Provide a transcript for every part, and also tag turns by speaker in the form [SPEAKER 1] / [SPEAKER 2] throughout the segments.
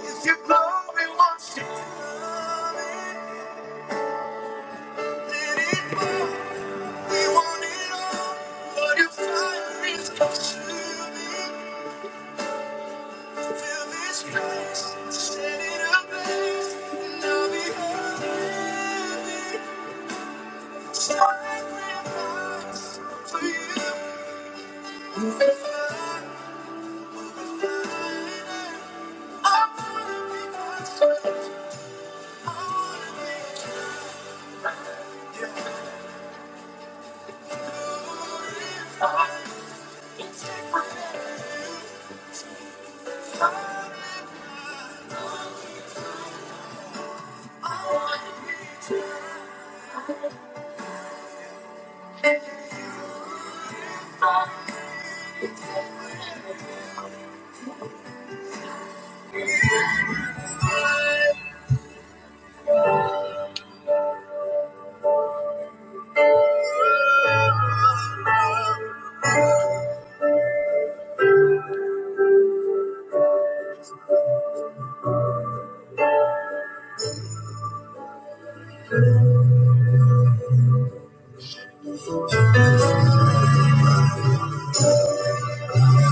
[SPEAKER 1] If your glory wants to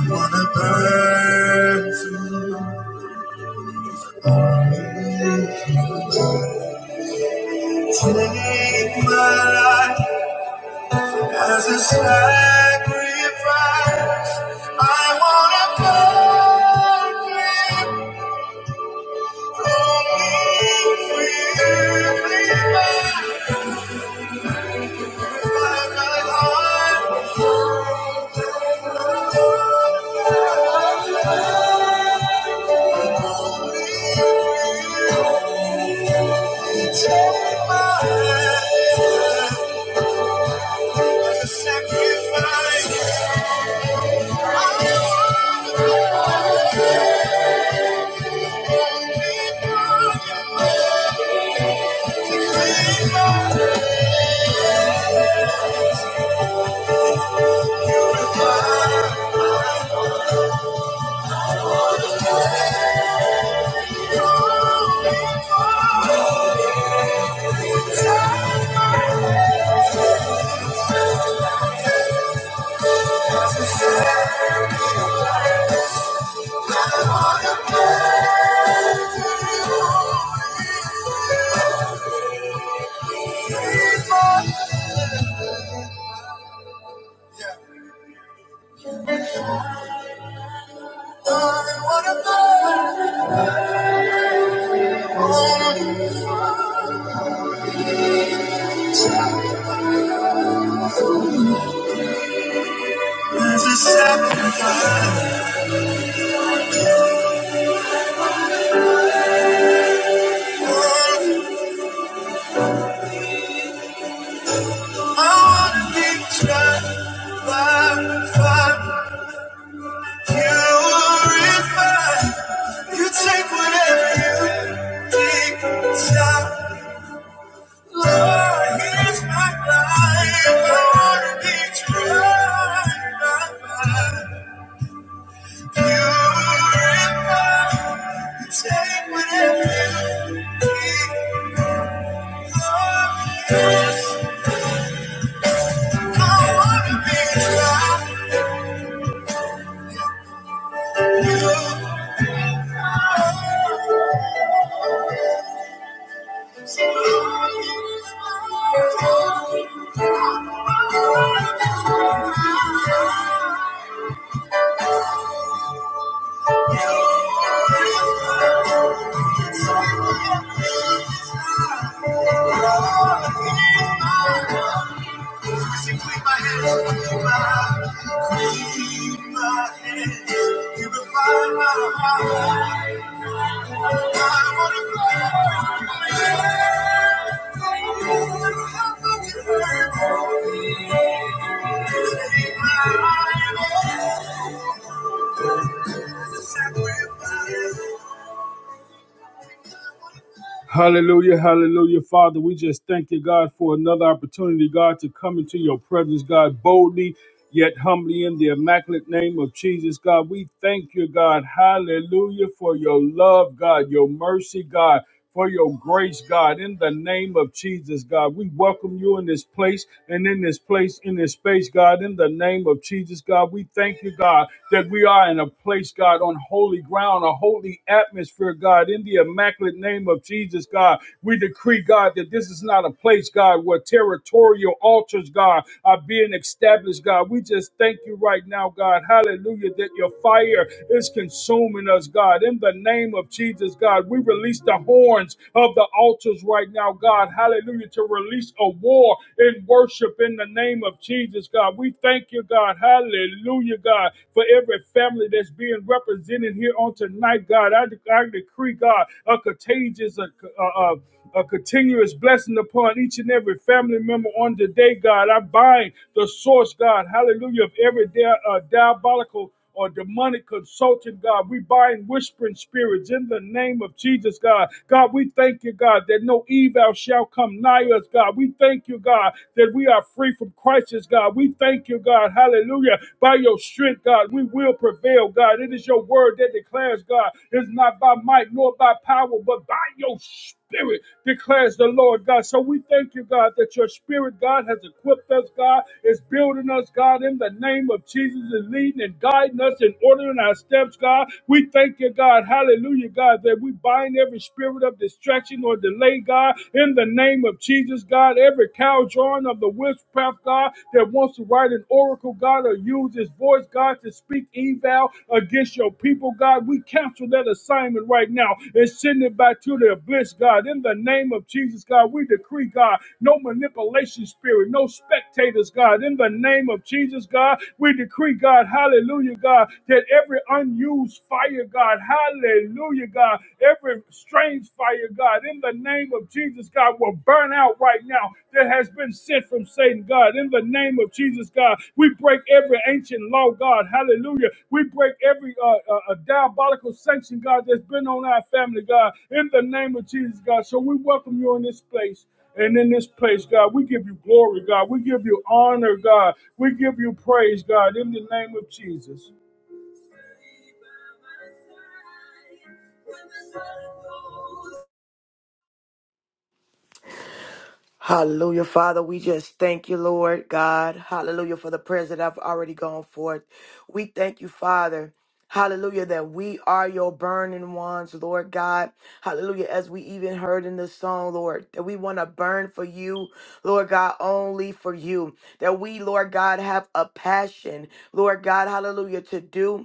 [SPEAKER 1] wanna burn to take my life as a sacrifice. I wanna burn for you, freely by my my my life. Take my life. There's a sacrifice. I wanna go. There's a sacrifice. I wanna be tried by fire. Purified. You take whatever you think. Shout, Lord, here's my life. I wanna be tried by fire. Purified. You take whatever you think. you. my hands, with my, hands, hands. will find my heart. Hallelujah, hallelujah, Father. We just thank you, God, for another opportunity, God, to come into your presence, God, boldly yet humbly in the immaculate name of Jesus, God. We thank you, God, hallelujah, for your love, God, your mercy, God, for your grace, God, in the name of Jesus, God. We welcome you in this place and in this place, in this space, God, in the name of Jesus, God. We thank you, God, that we are in a place, God, on holy ground around a holy atmosphere, God, in the immaculate name of Jesus, God. We decree, God, that this is not a place, God, where territorial altars, God, are being established, God. We just thank you right now, God. Hallelujah, that your fire is consuming us, God. In the name of Jesus, God, we release the horns of the altars right now, God. Hallelujah, to release a war in worship in the name of Jesus, God. We thank you, God. Hallelujah. Hallelujah, God. For every family that's being represented here on tonight, God, I, I decree, God, a contagious, a, a, a continuous blessing upon each and every family member on today, God. I bind the source, God, hallelujah, of every dia- uh, diabolical or demonic consultant, God. We bind whispering spirits in the name of Jesus, God. God, we thank you, God, that no evil shall come nigh us, God. We thank you, God, that we are free from crisis, God. We thank you, God. Hallelujah. By your strength, God, we will prevail, God. It is your word that declares, God, it's not by might nor by power, but by your spirit spirit declares the Lord God. So we thank you, God, that your spirit, God, has equipped us, God, is building us, God, in the name of Jesus, and leading and guiding us and ordering our steps, God. We thank you, God, hallelujah, God, that we bind every spirit of distraction or delay, God, in the name of Jesus, God, every cow drawing of the witchcraft, God, that wants to write an oracle, God, or use his voice voice, God, to speak evil against your people, God. We cancel that assignment right now and send it back to the bliss, God. In the name of Jesus, God, we decree, God, no manipulation spirit, no spectators, God. In the name of Jesus, God, we decree, God, hallelujah, God, that every unused fire, God, hallelujah, God, every strange fire, God, in the name of Jesus. Jesus, God, will burn out right now that has been sent from Satan, God. In the name of Jesus, God, we break every ancient law, God. Hallelujah. We break every uh, uh, uh, diabolical sanction, God, that's been on our family, God. In the name of Jesus, God. So we welcome you in this place. And in this place, God, we give you glory, God. We give you honor, God. We give you praise, God, in the name of Jesus.
[SPEAKER 2] Hallelujah, Father. We just thank you, Lord God. Hallelujah for the prayers that I've already gone forth. We thank you, Father. Hallelujah, that we are your burning ones, Lord God. Hallelujah, as we even heard in the song, Lord, that we want to burn for you, Lord God, only for you. That we, Lord God, have a passion, Lord God, hallelujah, to do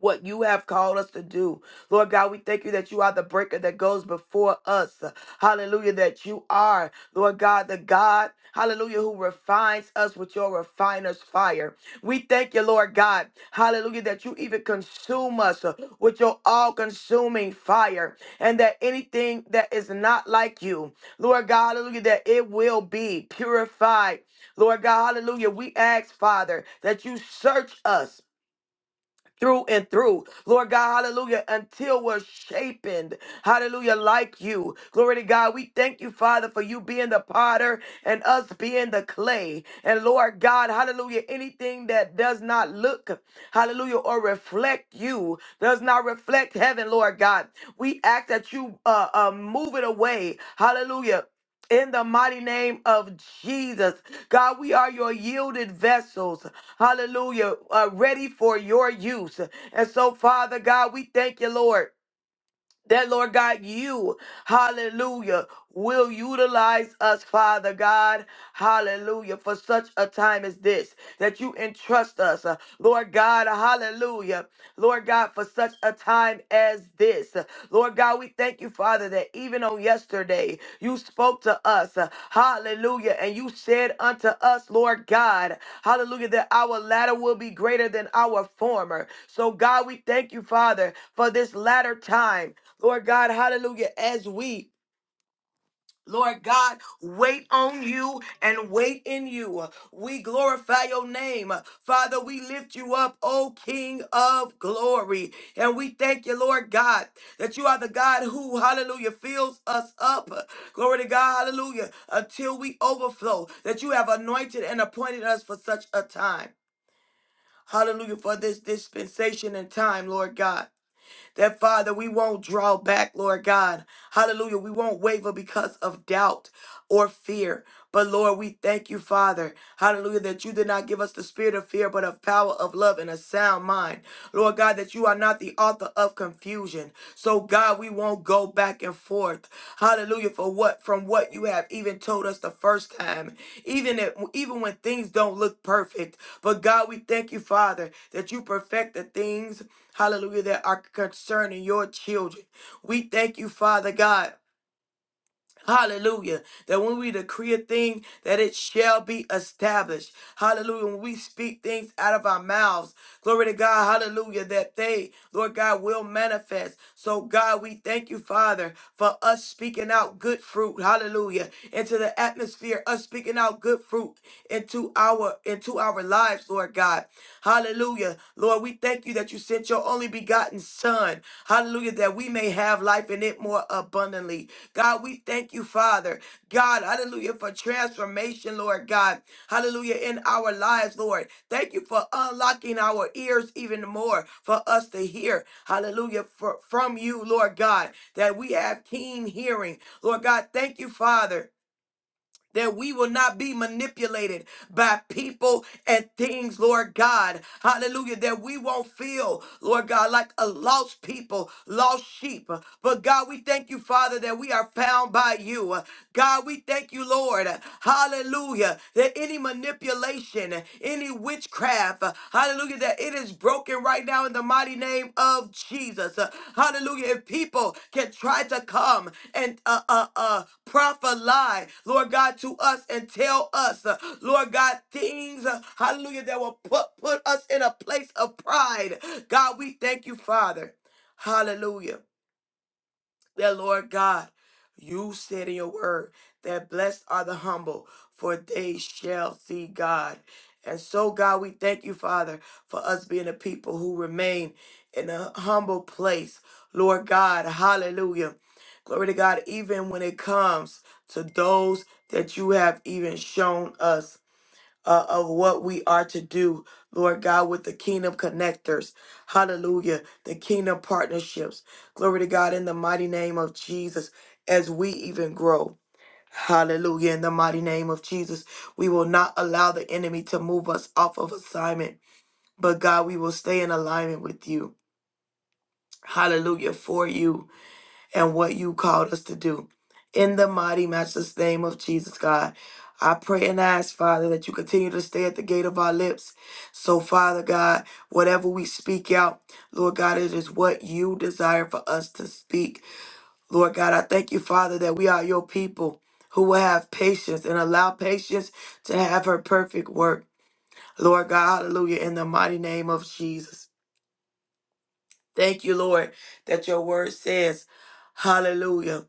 [SPEAKER 2] what you have called us to do. Lord God, we thank you that you are the breaker that goes before us. Hallelujah, that you are, Lord God, the God, hallelujah, who refines us with your refiner's fire. We thank you, Lord God, hallelujah, that you even consume us uh, with your all consuming fire and that anything that is not like you, Lord God, hallelujah, that it will be purified. Lord God, hallelujah, we ask, Father, that you search us through and through. Lord God, hallelujah, until we're shapened, hallelujah, like you. Glory to God. We thank you, Father, for you being the potter and us being the clay. And Lord God, hallelujah, anything that does not look, hallelujah, or reflect you, does not reflect heaven, Lord God. We ask that you uh, uh, move it away, hallelujah in the mighty name of Jesus. God, we are your yielded vessels. Hallelujah. Uh, ready for your use. And so, Father God, we thank you, Lord. That Lord God, you, hallelujah, will utilize us, Father God, hallelujah, for such a time as this, that you entrust us, uh, Lord God, hallelujah, Lord God, for such a time as this. Lord God, we thank you Father, that even on yesterday you spoke to us. uh, Hallelujah. And you said unto us, Lord God, hallelujah, that our latter will be greater than our former. So, God, we thank you, Father, for this latter time. Lord God, hallelujah, as we Lord God, wait on you and wait in you. We glorify your name. Father, we lift you up, O King of glory. And we thank you, Lord God, that you are the God who, hallelujah, fills us up. Glory to God, hallelujah, until we overflow, that you have anointed and appointed us for such a time. Hallelujah, for this dispensation and time, Lord God. That, Father, we won't draw back, Lord God. Hallelujah. We won't waver because of doubt or fear. But, Lord, we thank you, Father. Hallelujah. That you did not give us the spirit of fear, but of power, of love, and a sound mind. Lord God, that you are not the author of confusion. So, God, we won't go back and forth. Hallelujah. For what? From what you have even told us the first time. Even if, even when things don't look perfect. But God, we thank you, Father, that you perfect the things hallelujah, that are concerning your children. We thank you, Father God. Hallelujah. That when we decree a thing, that it shall be established. Hallelujah. When we speak things out of our mouths, glory to God. Hallelujah. That they, Lord God, will manifest. So, God, we thank you, Father, for us speaking out good fruit. Hallelujah. Into the atmosphere, us speaking out good fruit into our into our lives, Lord God. Hallelujah. Lord, we thank you that you sent your only begotten Son. Hallelujah, that we may have life in it more abundantly. God, we thank you, Father. God, hallelujah, for transformation, Lord God. Hallelujah, in our lives, Lord. Thank you for unlocking our ears even more for us to hear. Hallelujah, for, from you, Lord God, that we have keen hearing. Lord God, thank you, Father that we will not be manipulated by people and things, Lord God. Hallelujah. That we won't feel, Lord God, like a lost people, lost sheep. But God, we thank you, Father, that we are found by you. God, we thank you, Lord. Hallelujah. That any manipulation, any witchcraft, witchcraft. uh, Hallelujah. That it is broken right now in the mighty name of Jesus. Uh, Hallelujah. If people can try to come and uh uh uh prophet Lord God, to us and tell us, uh, Lord God, things, uh, hallelujah, that will put put us in a place of pride. God, we thank you, Father. Hallelujah that Lord God, you said in your word that blessed are the humble, for they shall see God. And so, God, we thank you, Father, for us being a people who remain in a humble place. Lord God, hallelujah. Glory to God, even when it comes to those that you have even shown us uh, of what we are to do, Lord God, with the kingdom connectors. Hallelujah. The kingdom partnerships. Glory to God in the mighty name of Jesus as we even grow. Hallelujah. In the mighty name of Jesus, we will not allow the enemy to move us off of assignment, but God, we will stay in alignment with you. Hallelujah for you and what you called us to do. In the mighty matchless name of Jesus, God, I pray and ask, Father, that you continue to stay at the gate of our lips. So, Father God, whatever we speak out, Lord God, it is what you desire for us to speak. Lord God, I thank you, Father, that we are your people who will have patience and allow patience to have her perfect work. Lord God, hallelujah, in the mighty name of Jesus. Thank you, Lord, that your word says, hallelujah,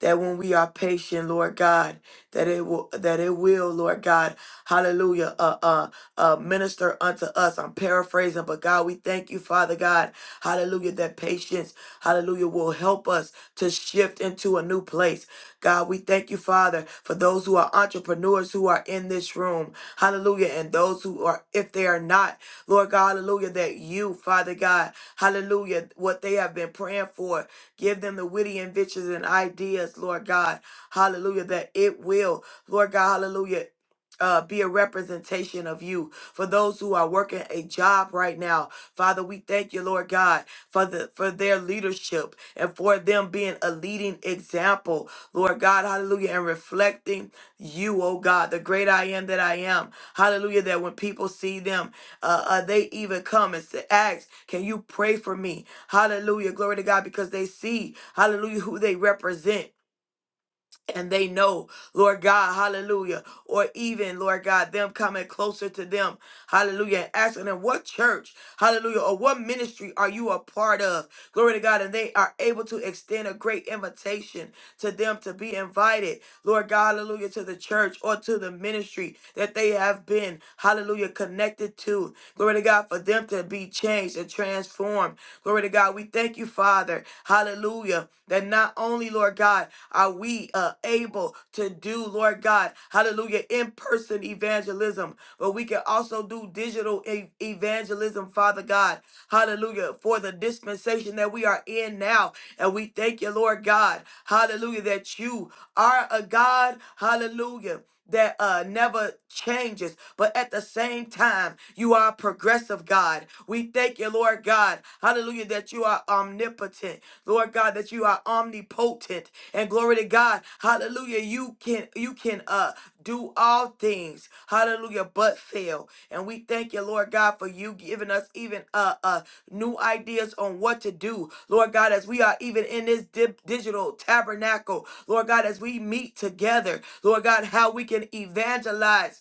[SPEAKER 2] that when we are patient, Lord God, that it will, that it will, Lord God, hallelujah, uh, uh, uh, minister unto us. I'm paraphrasing, but God, we thank you, Father God, hallelujah, that patience, hallelujah, will help us to shift into a new place. God, we thank you, Father, for those who are entrepreneurs who are in this room, hallelujah, and those who are, if they are not, Lord God, hallelujah, that you, Father God, Hallelujah. What they have been praying for. Give them the witty inventions and ideas, Lord God. Hallelujah. That it will, Lord God, hallelujah. Uh, be a representation of you for those who are working a job right now father we thank you lord god for the for their leadership and for them being a leading example lord god hallelujah and reflecting you oh god the great i am that i am hallelujah that when people see them uh, uh, they even come and say, ask, can you pray for me? Hallelujah. Glory to God because they see, hallelujah, who they represent and they know, Lord God, hallelujah, or even, Lord God, them coming closer to them, hallelujah, and asking them, what church, hallelujah, or what ministry are you a part of? Glory to God. And they are able to extend a great invitation to them to be invited, Lord God, hallelujah, to the church or to the ministry that they have been, hallelujah, connected to. Glory to God, for them to be changed and transformed, Glory to God. We thank you, Father. Hallelujah. That not only, Lord God, are we uh, able to do, Lord God, hallelujah, in person evangelism, but we can also do digital e- evangelism, Father God. Hallelujah. For the dispensation that we are in now. And we thank you, Lord God. Hallelujah. That you are a God. Hallelujah. That uh, never changes, but at the same time, you are a progressive God. We thank you, Lord God. Hallelujah. That you are omnipotent. Lord God, that you are omnipotent confident and glory to God. Hallelujah. You can you can uh do all things. Hallelujah, but fail. And we thank you, Lord God, for you giving us even uh uh new ideas on what to do. Lord God, as we are even in this dip, digital tabernacle, Lord God, as we meet together, Lord God, how we can evangelize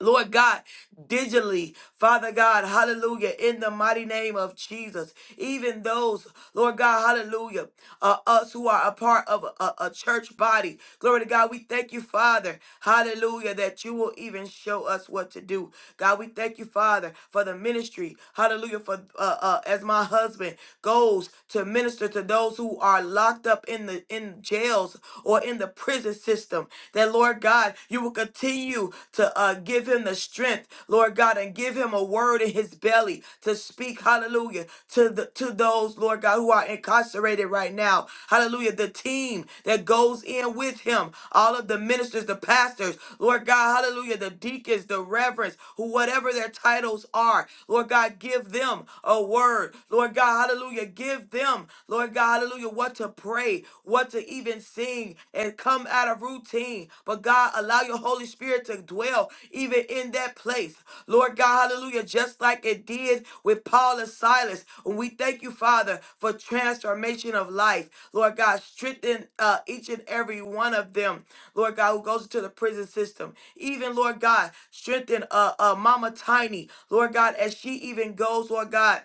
[SPEAKER 2] Lord God, digitally, Father God, hallelujah, in the mighty name of Jesus. Even those, Lord God, hallelujah, uh, us who are a part of a, a a church body, glory to God, we thank you, Father, hallelujah, that you will even show us what to do. God, we thank you, Father, for the ministry, hallelujah, for uh, uh, as my husband goes to minister to those who are locked up in the in jails or in the prison system system. That, Lord God, you will continue to uh, give him the strength, Lord God, and give him a word in his belly to speak, hallelujah, to, the, to those, Lord God, who are incarcerated right now. Hallelujah. The team that goes in with him, all of the ministers, the pastors, Lord God, hallelujah, the deacons, the reverends, who whatever their titles are, Lord God, give them a word. Lord God, hallelujah, give them, Lord God, hallelujah you what to pray, what to even sing, and come out of routine. But God, allow your Holy Spirit to dwell even in that place. Lord God, hallelujah, just like it did with Paul and Silas. And we thank you, Father, for transformation of life. Lord God, strengthen uh, each and every one of them, Lord God, who goes into the prison system. Even, Lord God, strengthen uh, uh, Mama Tiny, Lord God, as she even goes, Lord God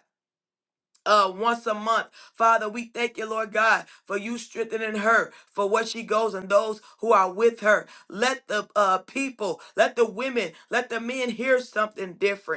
[SPEAKER 2] uh once a month. Father, we thank you, Lord God, for you strengthening her for what she goes and those who are with her. Let the uh people, let the women, let the men hear something different.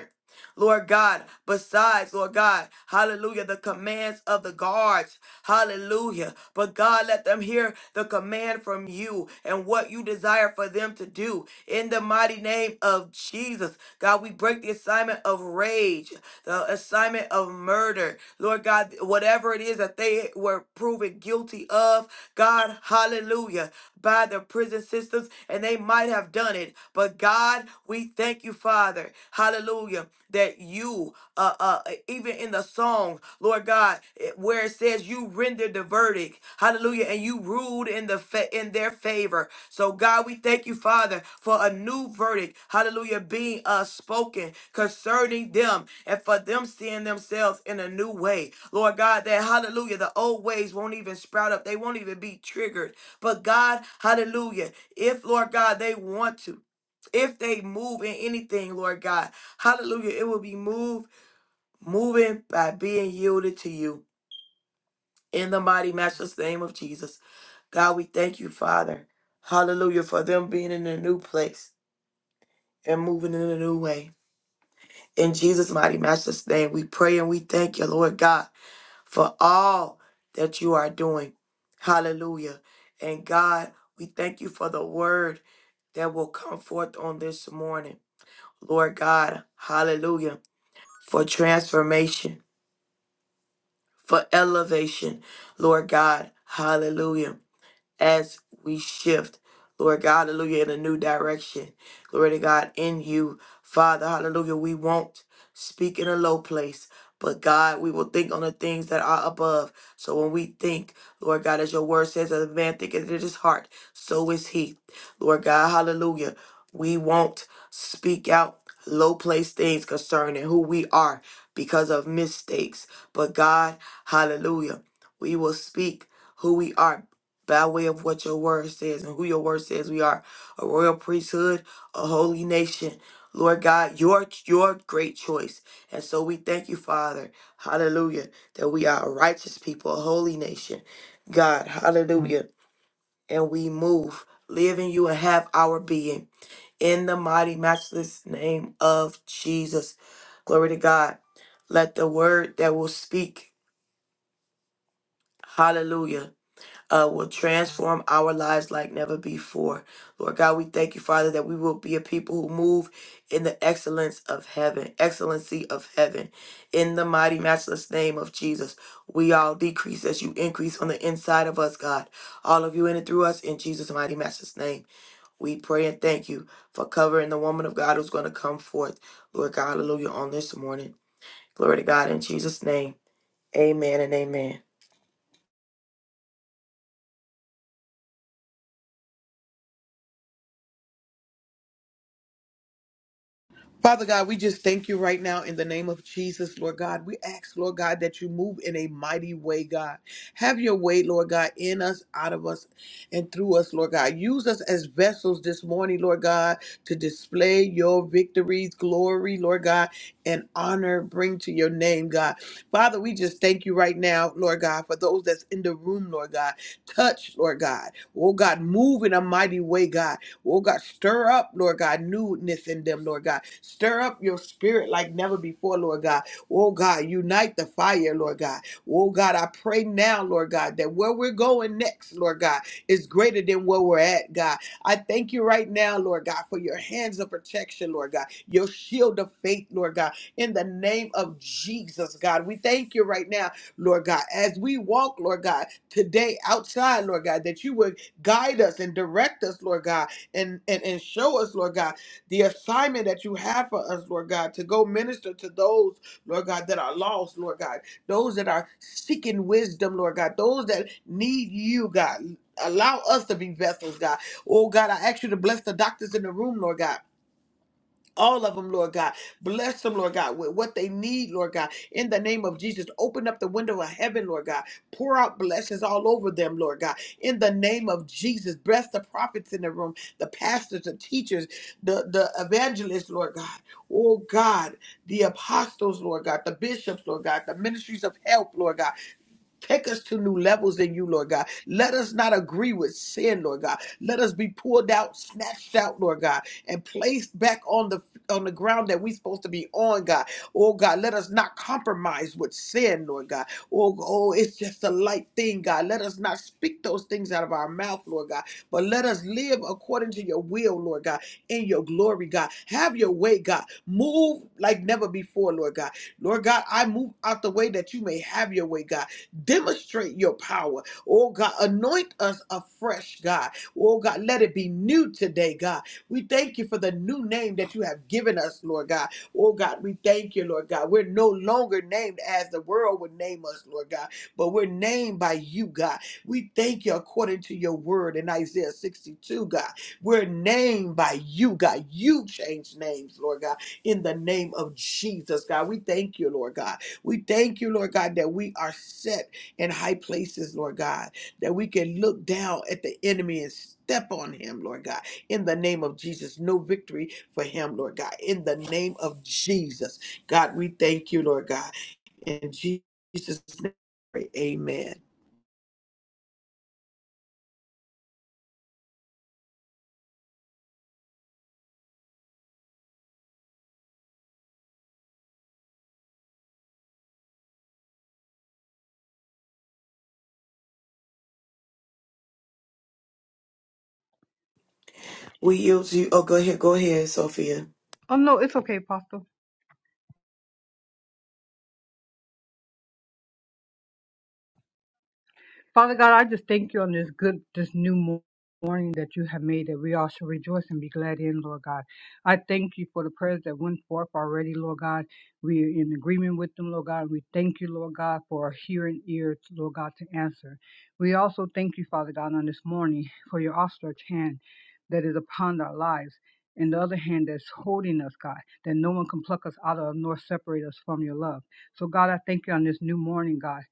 [SPEAKER 2] Lord God. Besides, Lord God, hallelujah, the commands of the guards, hallelujah. But God, let them hear the command from you and what you desire for them to do. In the mighty name of Jesus, God, we break the assignment of rage, the assignment of murder, Lord God, whatever it is that they were proven guilty of, God, hallelujah, by the prison systems, and they might have done it. But God, we thank you, Father, hallelujah that you, uh, uh, e, even in the song, Lord God, it- where it says you rendered the verdict, hallelujah, and you ruled in the fa- in their favor. So God, we thank you, Father, for a new verdict, hallelujah, being uh spoken concerning them and for them seeing themselves in a new way. Lord God, that hallelujah, the old ways won't even sprout up, they won't even be triggered. But God, hallelujah, if Lord God, they want to if they move in anything, Lord God. Hallelujah. It will be moved, moving by being yielded to you. In the mighty matchless name of Jesus. God, we thank you, Father. Hallelujah. For them being in a new place and moving in a new way. In Jesus' mighty matchless name, we pray and we thank you, Lord God, for all that you are doing. Hallelujah. And God, we thank you for the word that will come forth on this morning. Lord God, hallelujah, for transformation. for elevation, Lord God. Hallelujah as we shift, Lord God, hallelujah, in a new direction. Glory to God in you, Father, hallelujah. We won't speak in a low place, but God, we will think on the things that are above. So when we think, Lord God, as your word says, as a man thinketh in his heart, so is he. Lord God, hallelujah. We won't speak out low place things concerning who we are because of mistakes. But God, hallelujah, we will speak who we are by way of what your word says and who your word says we are a royal priesthood, a holy nation. Lord God, your your great choice. And so we thank you, Father. Hallelujah. That we are a righteous people, a holy nation. God, hallelujah. And we move, live in you and have our being. In the mighty matchless name of Jesus. Glory to God. Let the word that will speak. Hallelujah uh, will transform our lives like never before. Lord God, we thank you, Father, that we will be a people who move in the excellence of heaven, excellency of heaven. In the mighty, matchless name of Jesus, we all decrease as you increase on the inside of us, God. All of you in and through us, in Jesus' mighty, matchless name. We pray and thank you for covering the woman of God who's going to come forth, Lord God, hallelujah, on this morning. Glory to God in Jesus' name. Amen and amen.
[SPEAKER 3] Father God, we just thank you right now in the name of Jesus, Lord God. We ask, Lord God, that you move in a mighty way, God. Have your way, Lord God, in us, out of us, and through us, Lord God. Use us as vessels this morning, Lord God, to display your victories, glory, Lord God, and honor bring to your name, God. Father, we just thank you right now, Lord God, for those that's in the room, Lord God. Touch, Lord God. Oh, God, move in a mighty way, God. Oh God, stir up, Lord God, newness in them, Lord God. Stir up your spirit like never before, Lord God. Oh God, unite the fire, Lord God. Oh God, I pray now, Lord God, that where we're going next, Lord God, is greater than where we're at, God. I thank you right now, Lord God, for your hands of protection, Lord God, your shield of faith, Lord God, in the name of Jesus, God. We thank you right now, Lord God, as we walk, Lord God, today outside, Lord God, that you would guide us and direct us, Lord God and, and, and show us, Lord God, the assignment that you have for us, Lord God, to go minister to those, Lord God, that are lost, Lord God, those that are seeking wisdom, Lord God, those that need you, God. Allow us to be vessels, God. Oh, God, I ask you to bless the doctors in the room, Lord God all of them, Lord God. Bless them, Lord God, with what they need, Lord God. In the name of Jesus, open up the window of heaven, Lord God. Pour out blessings all over them, Lord God. In the name of Jesus, bless the prophets in the room, the pastors, the teachers, the, the evangelists, Lord God. Oh God, the apostles, Lord God, the bishops, Lord God, the ministries of help, Lord God. Take us to new levels in you, Lord God. Let us not agree with sin, Lord God. Let us be pulled out, snatched out, Lord God, and placed back on the on the ground that we're supposed to be on, God. Oh God, let us not compromise with sin, Lord God. Oh, oh, it's just a light thing, God. Let us not speak those things out of our mouth, Lord God. But let us live according to your will, Lord God, in your glory, God. Have your way, God. Move like never before, Lord God. Lord God, I move out the way that you may have your way, God. Demonstrate your power. Oh God, anoint us afresh, God. Oh God, let it be new today, God. We thank you for the new name that you have given us, Lord God. Oh God, we thank you, Lord God. We're no longer named as the world would name us, Lord God, but we're named by you, God. We thank you according to your word in Isaiah 62, God. We're named by you, God. You change names, Lord God, in the name of Jesus, God. We thank you, Lord God. We thank you, Lord God, that we are set in high places, Lord God, that we can look down at the enemy and step on him, Lord God. In the name of Jesus, no victory for him, Lord God. In the name of Jesus, God, we thank you, Lord God. In Jesus' name, we pray. amen.
[SPEAKER 2] We use you. Oh, go ahead. Go ahead, Sophia.
[SPEAKER 4] Oh no, it's okay, Papa. Father God, I just thank you on this good, this new mo- morning that you have made that we all shall rejoice and be glad in, Lord God. I thank you for the prayers that went forth already, Lord God. We are in agreement with them, Lord God. We thank you, Lord God, for our hearing ears, Lord God, to answer. We also thank you, Father God, on this morning for your outstretched hand that is upon our lives. And the other hand that's holding us, God, that no one can pluck us out of nor separate us from your love. So, God, I thank you on this new morning, God,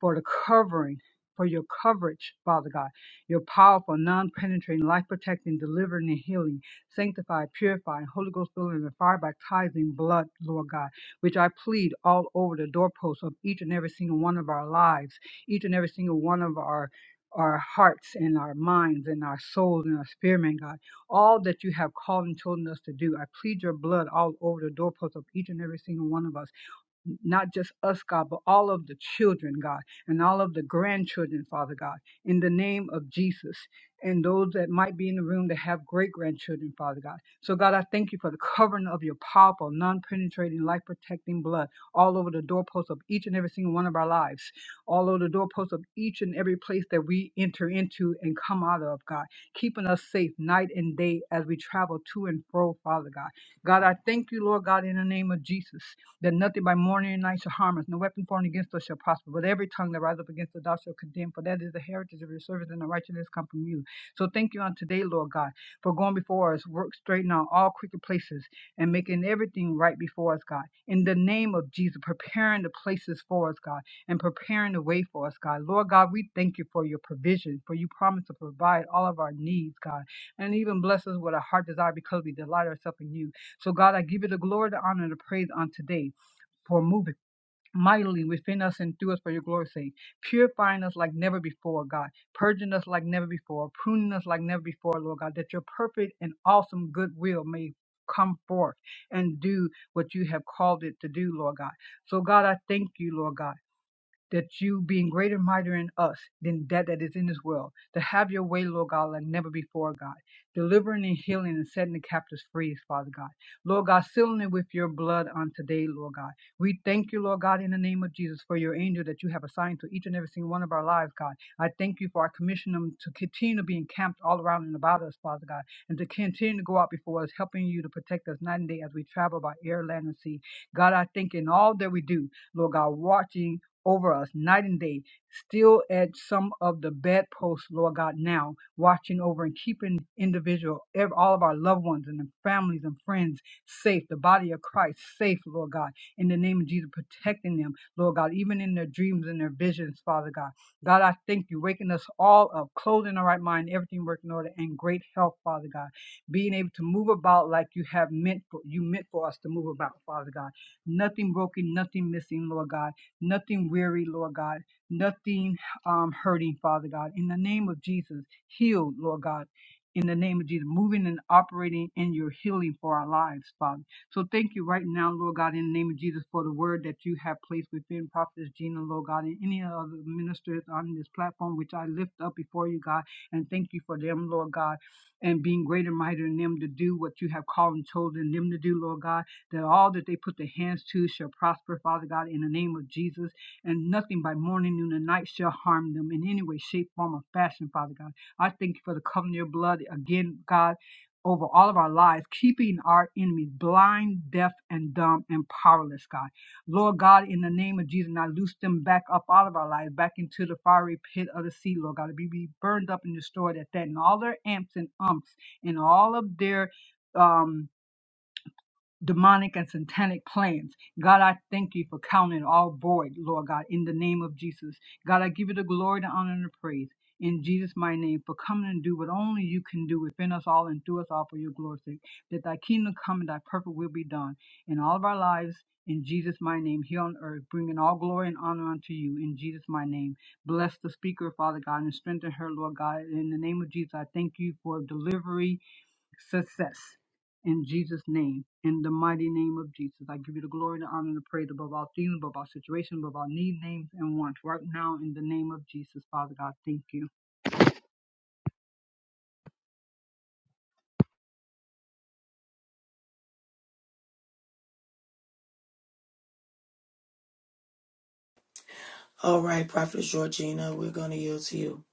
[SPEAKER 4] for the covering for your coverage, Father God, your powerful, non penetrating, life protecting, delivering, and healing, sanctified, purify, Holy Ghost filling and fire baptizing blood, Lord God, which I plead all over the doorposts of each and every single one of our lives, each and every single one of our our hearts and our minds and our souls and our spirit, man, God, all that you have called and chosen us to do. I plead your blood all over the doorposts of each and every single one of us not just us, God, but all of the children, God, and all of the grandchildren, Father God, in the name of Jesus, and those that might be in the room that have great grandchildren, Father God. So, God, I thank you for the covering of your powerful, non penetrating, life protecting blood all over the doorposts of each and every single one of our lives, all over the doorposts of each and every place that we enter into and come out of, God, keeping us safe night and day as we travel to and fro, Father God. God, I thank you, Lord God, in the name of Jesus that nothing by morning and night shall harm us, no weapon formed against us shall prosper, but every tongue that rises up against us thou shalt condemn, for that is the heritage of your servants, and the righteousness come from you. So thank you on today, Lord God, for going before us, work straighten out all crooked places, and making everything right before us, God. In the name of Jesus, preparing the places for us, God, and preparing the way for us, God. Lord God, we thank you for your provision, for you promise to provide all of our needs, God, and even bless us with a heart desire because we delight ourselves in you. So God, I give you the glory, the honor, and the praise on today for moving mightily within us and through us for your glory's sake, purifying us like never before, God, purging us like never before, pruning us like never before, Lord God, that your perfect and awesome goodwill may come forth and do what you have called it to do, Lord God. So, God, I thank you, Lord God that you being greater and mightier in us than that that is in this world, to have your way, Lord God, like never before, God, delivering and healing and setting the captives free, Father God. Lord God, sealing it with your blood on today, Lord God. We thank you, Lord God, in the name of Jesus, for your angel that you have assigned to each and every single one of our lives, God. I thank you for our commission them to continue to be encamped all around and about us, Father God, and to continue to go out before us, helping you to protect us night and day as we travel by air, land, and sea. God, I think in all that we do, Lord God, watching over us night and day, still at some of the bedposts, Lord God, now, watching over and keeping individual, ev- all of our loved ones and their families and friends safe, the body of Christ safe, Lord God, in the name of Jesus, protecting them, Lord God, even in their dreams and their visions, Father God. God, I thank you, waking us all up, clothing our right mind, everything working in order, and great health, Father God. Being able to move about like you have meant for you meant for us to move about, Father God. Nothing broken, nothing missing, Lord God nothing weary, Lord God, nothing um, hurting, Father God. In the name of Jesus, heal, Lord God. In the name of Jesus, moving and operating in your healing for our lives, Father. So thank you right now, Lord God, in the name of Jesus, for the word that you have placed within Prophetess Gina, Lord God, and any other ministers on this platform, which I lift up before you, God, and thank you for them, Lord God, and being greater, and mighty in them to do what you have called and chosen them to do, Lord God that all that they put their hands to shall prosper, Father God, in the name of Jesus, and nothing by morning, noon, and night shall harm them in any way, shape, form, or fashion, Father God. I thank you for the covenant of your blood again, God. Over all of our lives, keeping our enemies blind, deaf, and dumb, and powerless, God. Lord God, in the name of Jesus, and I loose them back up out of our lives, back into the fiery pit of the sea, Lord God. to Be, be burned up and destroyed at that, and all their amps and umps, and all of their um demonic and satanic plans. God, I thank you for counting all void, Lord God, in the name of Jesus. God, I give you the glory, the honor, and the praise in Jesus' my name for coming and do what only you can do within us all and through us all for your glory's sake. That thy kingdom come and thy purpose will be done in all of our lives in Jesus' my name here on earth, bringing all glory and honor unto you in Jesus' my name. Bless the speaker, Father God, and strengthen her, Lord God. In the name of Jesus, I thank you for delivery success in Jesus' name, in the mighty name of Jesus. I give you the glory, the honor, and the praise above all things, above all situations, above all need, names, and wants. Right now, in the name of Jesus, Father God, thank you.
[SPEAKER 2] All right, Prophetess Georgina, we're going to yield to you.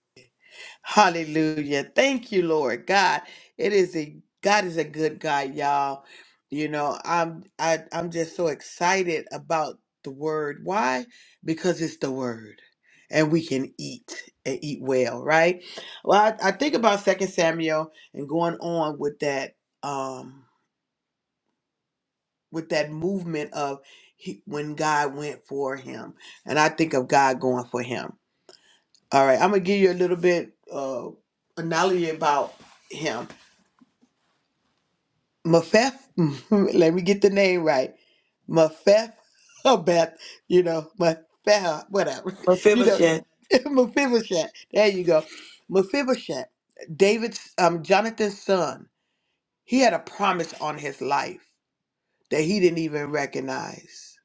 [SPEAKER 3] Hallelujah. Thank you, Lord God. It is a God is a good God, y'all. You know, I'm I, I'm just so excited about the word. Why? Because it's the word. And we can eat and eat well, right? Well, I, I think about Second Samuel and going on with that um with that movement of he, when God went for him. And I think of God going for him. All right, I'm gonna give you a little bit uh analogy about him. Mephibosheth, let me get the name right. Mephibosheth, you know, Mephibosheth, whatever, you know,
[SPEAKER 2] Mephibosheth.
[SPEAKER 3] Mephibosheth. There you go, Mephibosheth. David's, um, Jonathan's son. He had a promise on his life that he didn't even recognize.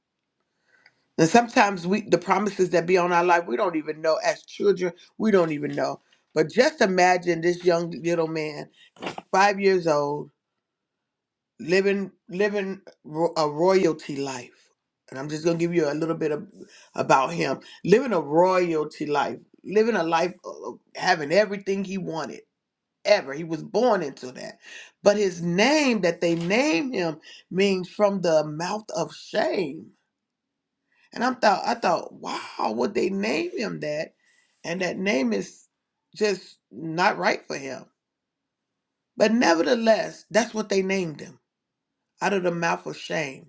[SPEAKER 3] And sometimes we the promises that be on our life, we don't even know. As children, we don't even know. But just imagine this young little man, five years old, living living ro- a royalty life. And I'm just gonna give you a little bit of, about him living a royalty life, living a life of having everything he wanted ever. He was born into that. But his name that they named him means from the mouth of shame and I thought, I thought, wow, would they name him that? And that name is just not right for him. But nevertheless, that's what they named him out of the mouth of shame.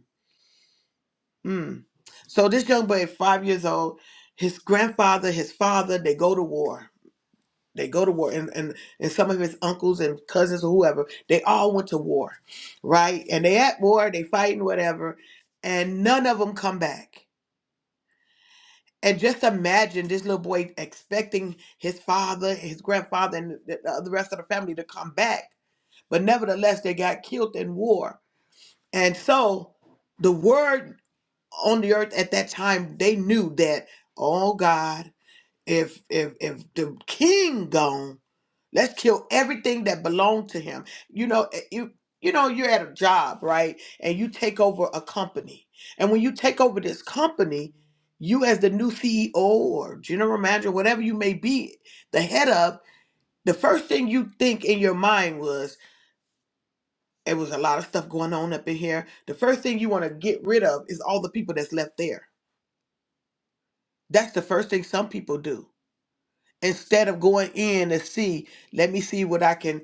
[SPEAKER 3] Mm. So this young boy, five years old, his grandfather, his father, they go to war. They go to war, and, and and some of his uncles and cousins or whoever, they all went to war, right? And they at war, they fighting whatever, and none of them come back. And just imagine this little boy expecting his father, his grandfather, and the, the uh, the rest of the family to come back. But nevertheless, they got killed in war. And so the word on the earth at that time, they knew that, oh God, if if if the king gone, let's kill everything that belonged to him. You know, eh, you you know you're at a job, right? And you take over a company. And when you take over this company, you as the new CEO or general manager, whatever you may be, the head of, the first thing you think in your mind was it was a lot of stuff going on up in here. The first thing you want to get rid of is all the people that's left there. That's the first thing some people do instead of going in to see, let me see what I can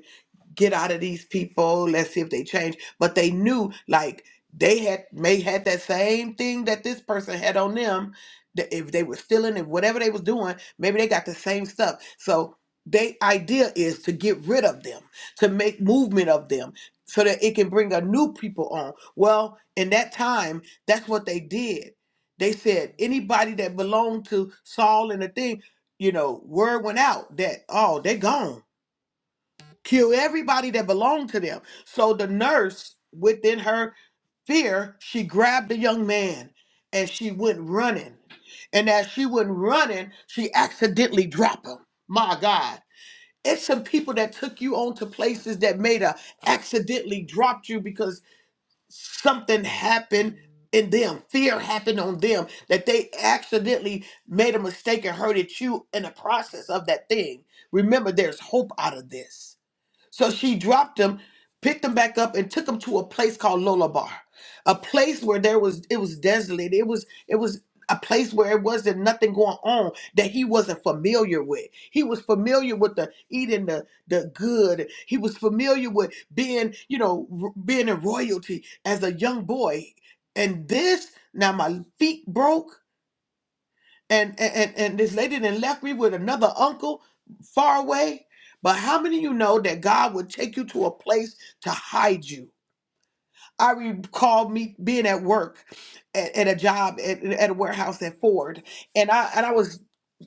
[SPEAKER 3] get out of these people. Let's see if they change. But they knew like they had may had that same thing that this person had on them. that If they were stealing and whatever they was doing, maybe they got the same stuff. So their idea is to get rid of them, to make movement of them, so that it can bring a new people on. Well, in that time, that's what they did. They said anybody that belonged to Saul and the thing, you know, word went out that oh, they're gone kill everybody that belonged to them. So the nurse, within her fear, she grabbed the young man and she went running. And as she went running, she accidentally dropped him. My God. It's some people that took you on to places that made a accidentally dropped you because something happened in them. Fear happened on them that they accidentally made a mistake and hurted you in the process of that thing. Remember, there's hope out of this so she dropped him, picked him back up, and took him to a place called Lolabar, a place where there was it was desolate. It was it was a place where it wasn't nothing going on that he wasn't familiar with. He was familiar with the eating the the good. He was familiar with being you know r- being in royalty as a young boy. And this now my feet broke and and and this lady then left me with another uncle far away. But how many of you know that God would take you to a place to hide you? I recall me being at work at, at a job at, at a warehouse at Ford, and I and I was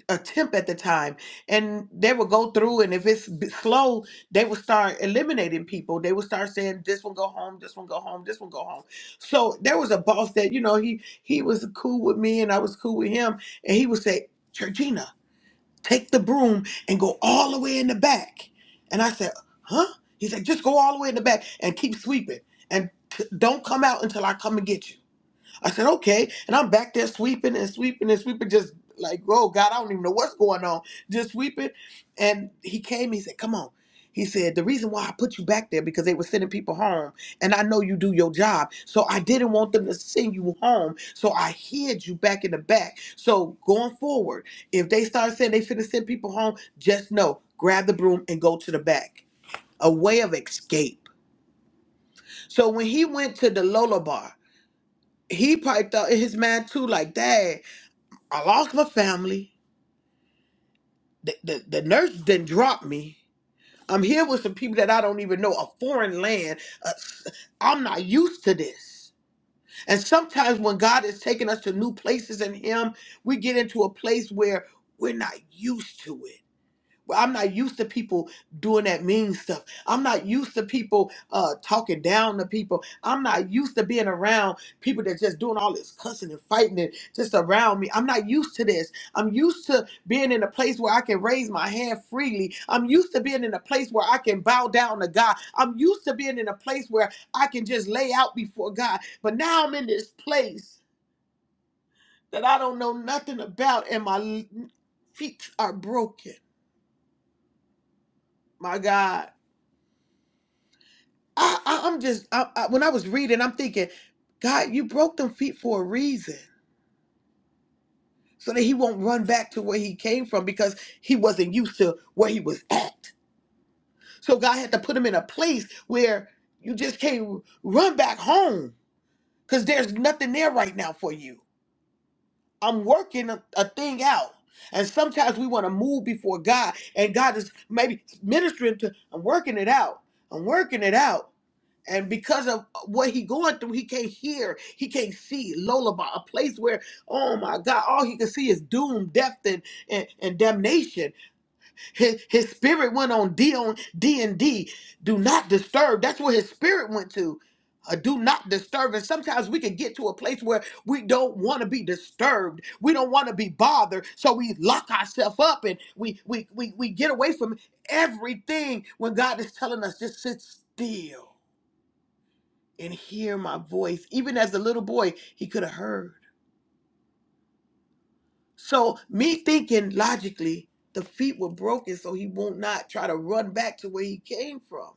[SPEAKER 3] attempt at the time and they would go through and if it's b- slow they would start eliminating people they would start saying this one go home this one go home this one go home so there was a boss that you know he he was cool with me and i was cool with him and he would say georgina take the broom and go all the way in the back and i said huh he said just go all the way in the back and keep sweeping and t- don't come out until i come and get you I said, okay. And I'm back there sweeping and sweeping and sweeping, just like, oh God, I don't even know what's going on. Just sweeping. And he came, he said, come on. He said, the reason why I put you back there because they were sending people home. And I know you do your job. So I didn't want them to send you home. So I hid you back in the back. So going forward, if they start saying they finna send people home, just know, grab the broom and go to the back. A way of escape. So when he went to the Lola bar, he piped out his man too, like, dad. I lost my family. The, the, the nurse not drop me. I'm here with some people that I don't even know, a foreign land. Uh, I'm not used to this. And sometimes when God is taking us to new places in Him, we get into a place where we're not used to it. I'm not used to people doing that mean stuff. I'm not used to people uh, talking down to people. I'm not used to being around people that just doing all this cussing and fighting and just around me. I'm not used to this. I'm used to being in a place where I can raise my hand freely. I'm used to being in a place where I can bow down to God. I'm used to being in a place where I can just lay out before God. But now I'm in this place that I don't know nothing about, and my l- feet are broken. My God. I, I I'm just I, I, when I was reading, I'm thinking, God, you broke them feet for a reason, so that he won't run back to where he came from because he wasn't used to where he was at. So God had to put him in a place where you just can't run back home because there's nothing there right now for you. I'm working a, a thing out. And sometimes we want to move before God, and God is maybe ministering to, I'm working it out. I'm working it out. And because of uh, what he going through, he can't hear, he can't see. Lullaby, a place where, oh my God, all he can see is doom, death, and and, and damnation. His his spirit went on D on D and D. Do not disturb. That's where his spirit went to. A do not disturb. And sometimes we can get to a place where we don't want to be disturbed. We don't want to be bothered. So we lock ourselves up and we we we we get away from everything when God is telling us just sit still and hear my voice. Even as a little boy, he could have heard. So me thinking logically, the feet were broken, so he won't not try to run back to where he came from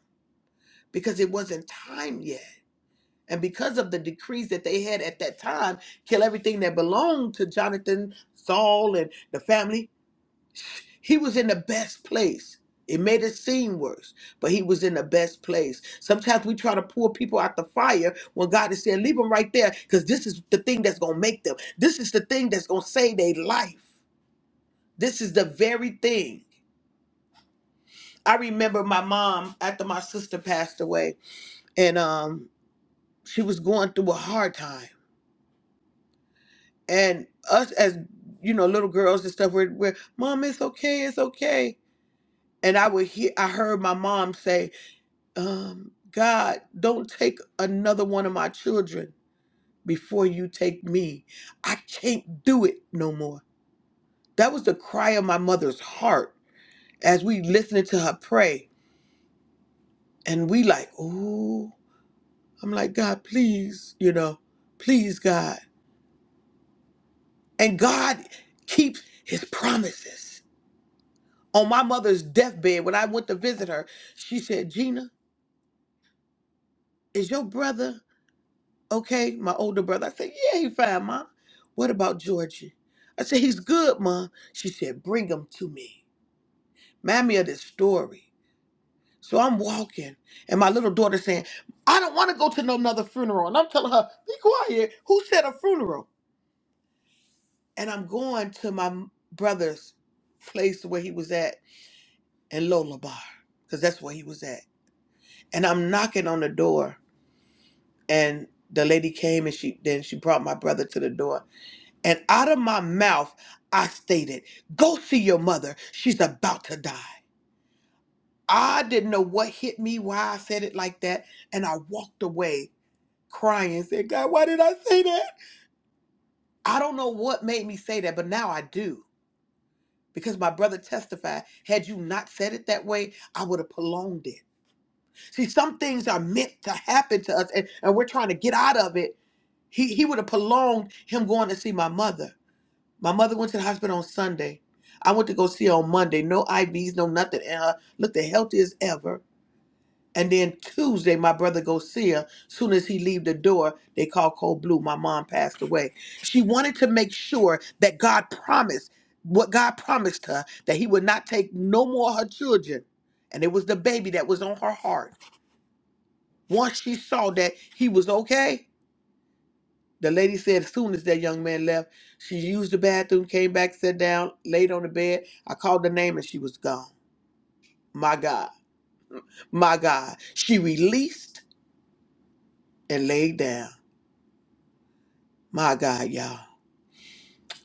[SPEAKER 3] because it wasn't time yet. And because of the decrees that they had at that time, kill everything that belonged to Jonathan, Saul, and the family, He was in the best place. It made it seem worse, but he was in the best place. Sometimes we try to pull people out the fire when God is saying, Leave them right there, because this is the thing that's going to make them. This is the thing that's going to save their life. This is the very thing. I remember my mom after my sister passed away, and um, she was going through a hard time. And us, as you know, little girls and stuff, we're, we're Mom, it's okay, it's okay. And I would hear, I heard my mom say, um, God, don't take another one of my children before you take me. I can't do it no more. That was the cry of my mother's heart as we listening to her pray. And we like, oh, I'm like, God, please, you know, please, God. And God keeps his promises. On my mother's deathbed, when I went to visit her, she said, Gina, is your brother? Okay, my older brother. I said, Yeah, he fine, ma. What about Georgie? I said, He's good, ma. She said, Bring him to me. Mammy of this story. So I'm walking, and my little daughter saying, I don't want to go to no another funeral. And I'm telling her, Be quiet. Who said a funeral? And I'm going to my m- brother's place where he was at in Lola Bar, because that's where he was at. And I'm knocking on the door, and the lady came and she then she brought my brother to the door And out of my mouth, I stated, Go see your mother. She's about to die. I didn't know what hit me, why I said it like that. And I walked away crying and said, God, why did I say that? I don't know what made me say that, but now I do. Because my brother testified, had you not said it that way, I would have prolonged it. See, some things are meant to happen to us, and, and we're trying to get out of it. He, he would have prolonged him going to see my mother. My mother went to the hospital on Sunday. I went to go see her on Monday. No IVs, no nothing. And her looked the healthiest ever. And then Tuesday, my brother go see her. Soon as he leave the door, they call cold blue. My mom passed away. She wanted to make sure that God promised what God promised her that He would not take no more of her children. And it was the baby that was on her heart. Once she saw that he was okay, the lady said as soon as that young man left, she used the bathroom, came back, sat down, laid on the bed. I called her name and she was gone. My God. My God. She released and laid down. My God, y'all.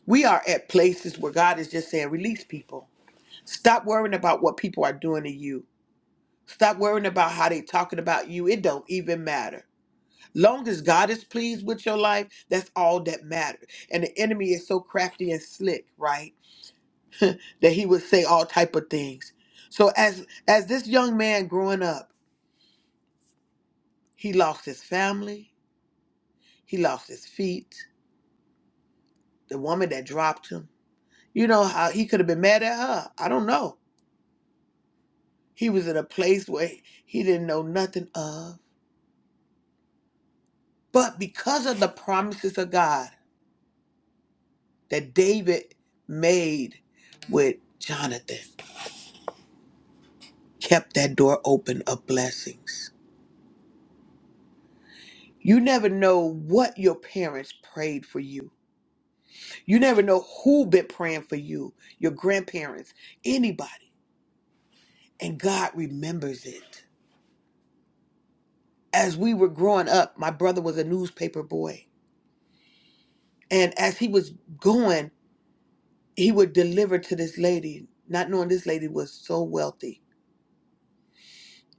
[SPEAKER 3] We are at places where God is just saying, release people. Stop worrying about what people are doing to you. Stop worrying about how they talking about you. It don't even matter. Long as God is pleased with your life, that's all that matters. And the enemy is so crafty and slick, right? that he would say all type of things. So as as this young man growing up, he lost his family, he lost his feet, the woman that dropped him. You know how he could have been mad at her. I don't know. He was in a place where he didn't know nothing of. But because of the promises of God that David made with Jonathan, kept that door open of blessings. You never know what your parents prayed for you You never know who been praying for you, your grandparents, anybody. And God remembers it. As we were growing up, my brother was a newspaper boy. And as he was going, he would deliver to this lady, not knowing this lady was so wealthy.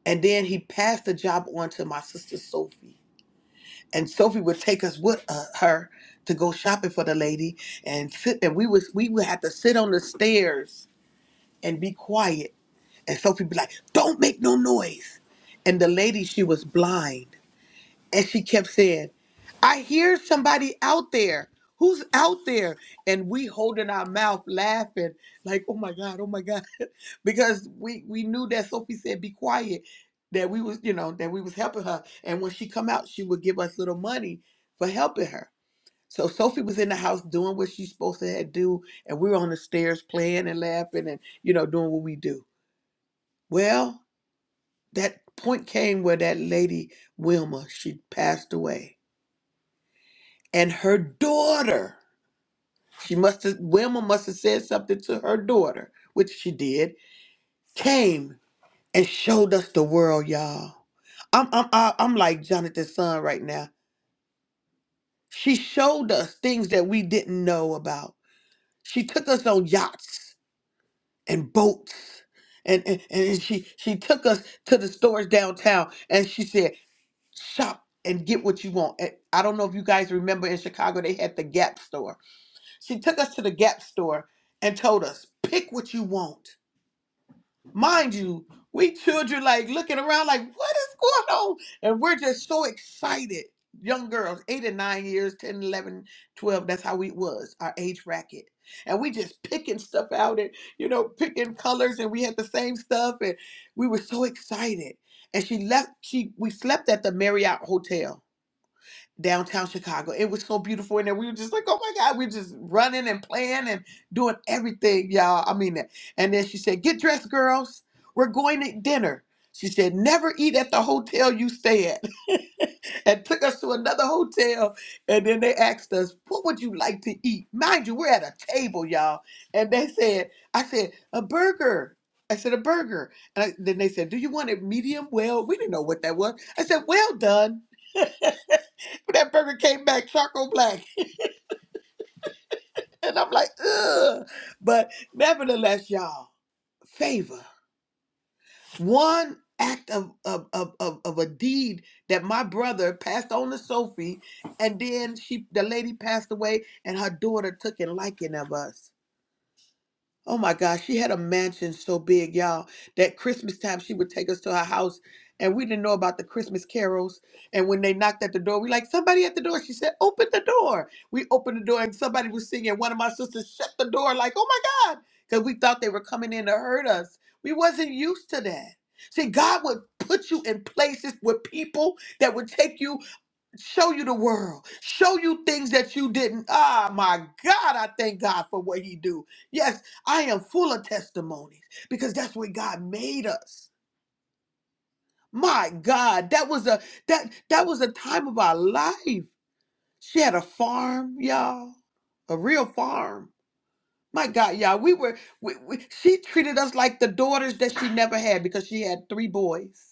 [SPEAKER 3] And then he passed the job on to my sister Sophie. And Sophie would take us with uh, her to go shopping for the lady and sit and we was we would have to sit on the stairs and be quiet And so people be like, don't make no noise. And the lady, she was blind. And she kept saying, I hear somebody out there. Who's out there? And we holding our mouth laughing, like, oh my God, oh my God. because we we knew that Sophie said be quiet, that we was, you know, that we was helping her. And when she come out, she would give us little money for helping her. So Sophie was in the house doing what she's supposed to had do, and we were on the stairs playing and laughing and, you know, doing what we do. Well, that point came where that lady Wilma she passed away, and her daughter she must have Wilma must have said something to her daughter, which she did, came and showed us the world, y'all. I'm I'm I- I'm like Jonathan's son right now. She showed us things that we didn't know about. She took us on yachts and boats. And, and, and she she took us to the stores downtown and she said shop and get what you want. And I don't know if you guys remember in Chicago, they had the Gap store. She took us to the Gap store and told us, pick what you want. Mind you, we children like looking around like, what is going on? And we're just so excited. Young girls, eight and nine years, 10, 11, 12. that's how we was, our age bracket, And we just picking stuff out and, you know, picking colors and we had the same stuff and we were so excited. And she left, she we slept at the Marriott Hotel downtown Chicago. It was so beautiful in there. We were just like, oh my God, we were just running and playing and doing everything, y'all. I mean, that. and then she said, get dressed, girls. We're going to dinner. She said, never eat at the hotel you stay at. and took us to another hotel. And then they asked us, what would you like to eat? Mind you, we're at a table, y'all. And they said, I said, a burger. I said, a burger. And I, then they said, do you want it medium well? We didn't know what that was. I said, well done. But that burger came back charcoal black. And I'm like, ugh. But nevertheless, y'all, favor. One act of, of, of, of, of a deed that my brother passed on to Sophie, and then she the lady passed away, and her daughter took a liking of us. Oh my gosh, she had a mansion so big, y'all, that Christmas time she would take us to her house and we didn't know about the Christmas carols. And when they knocked at the door, we like, somebody at the door. She said, open the door. We opened the door and somebody was singing. One of my sisters shut the door like, oh my God, because we thought they were coming in to hurt us. We wasn't used to that. See, God would put you in places with people that would take you show you the world show you things that you didn't ah my god i thank god for what he do yes i am full of testimonies because that's what god made us my god that was a that that was a time of our life she had a farm y'all a real farm my god y'all we were we, we, she treated us like the daughters that she never had because she had three boys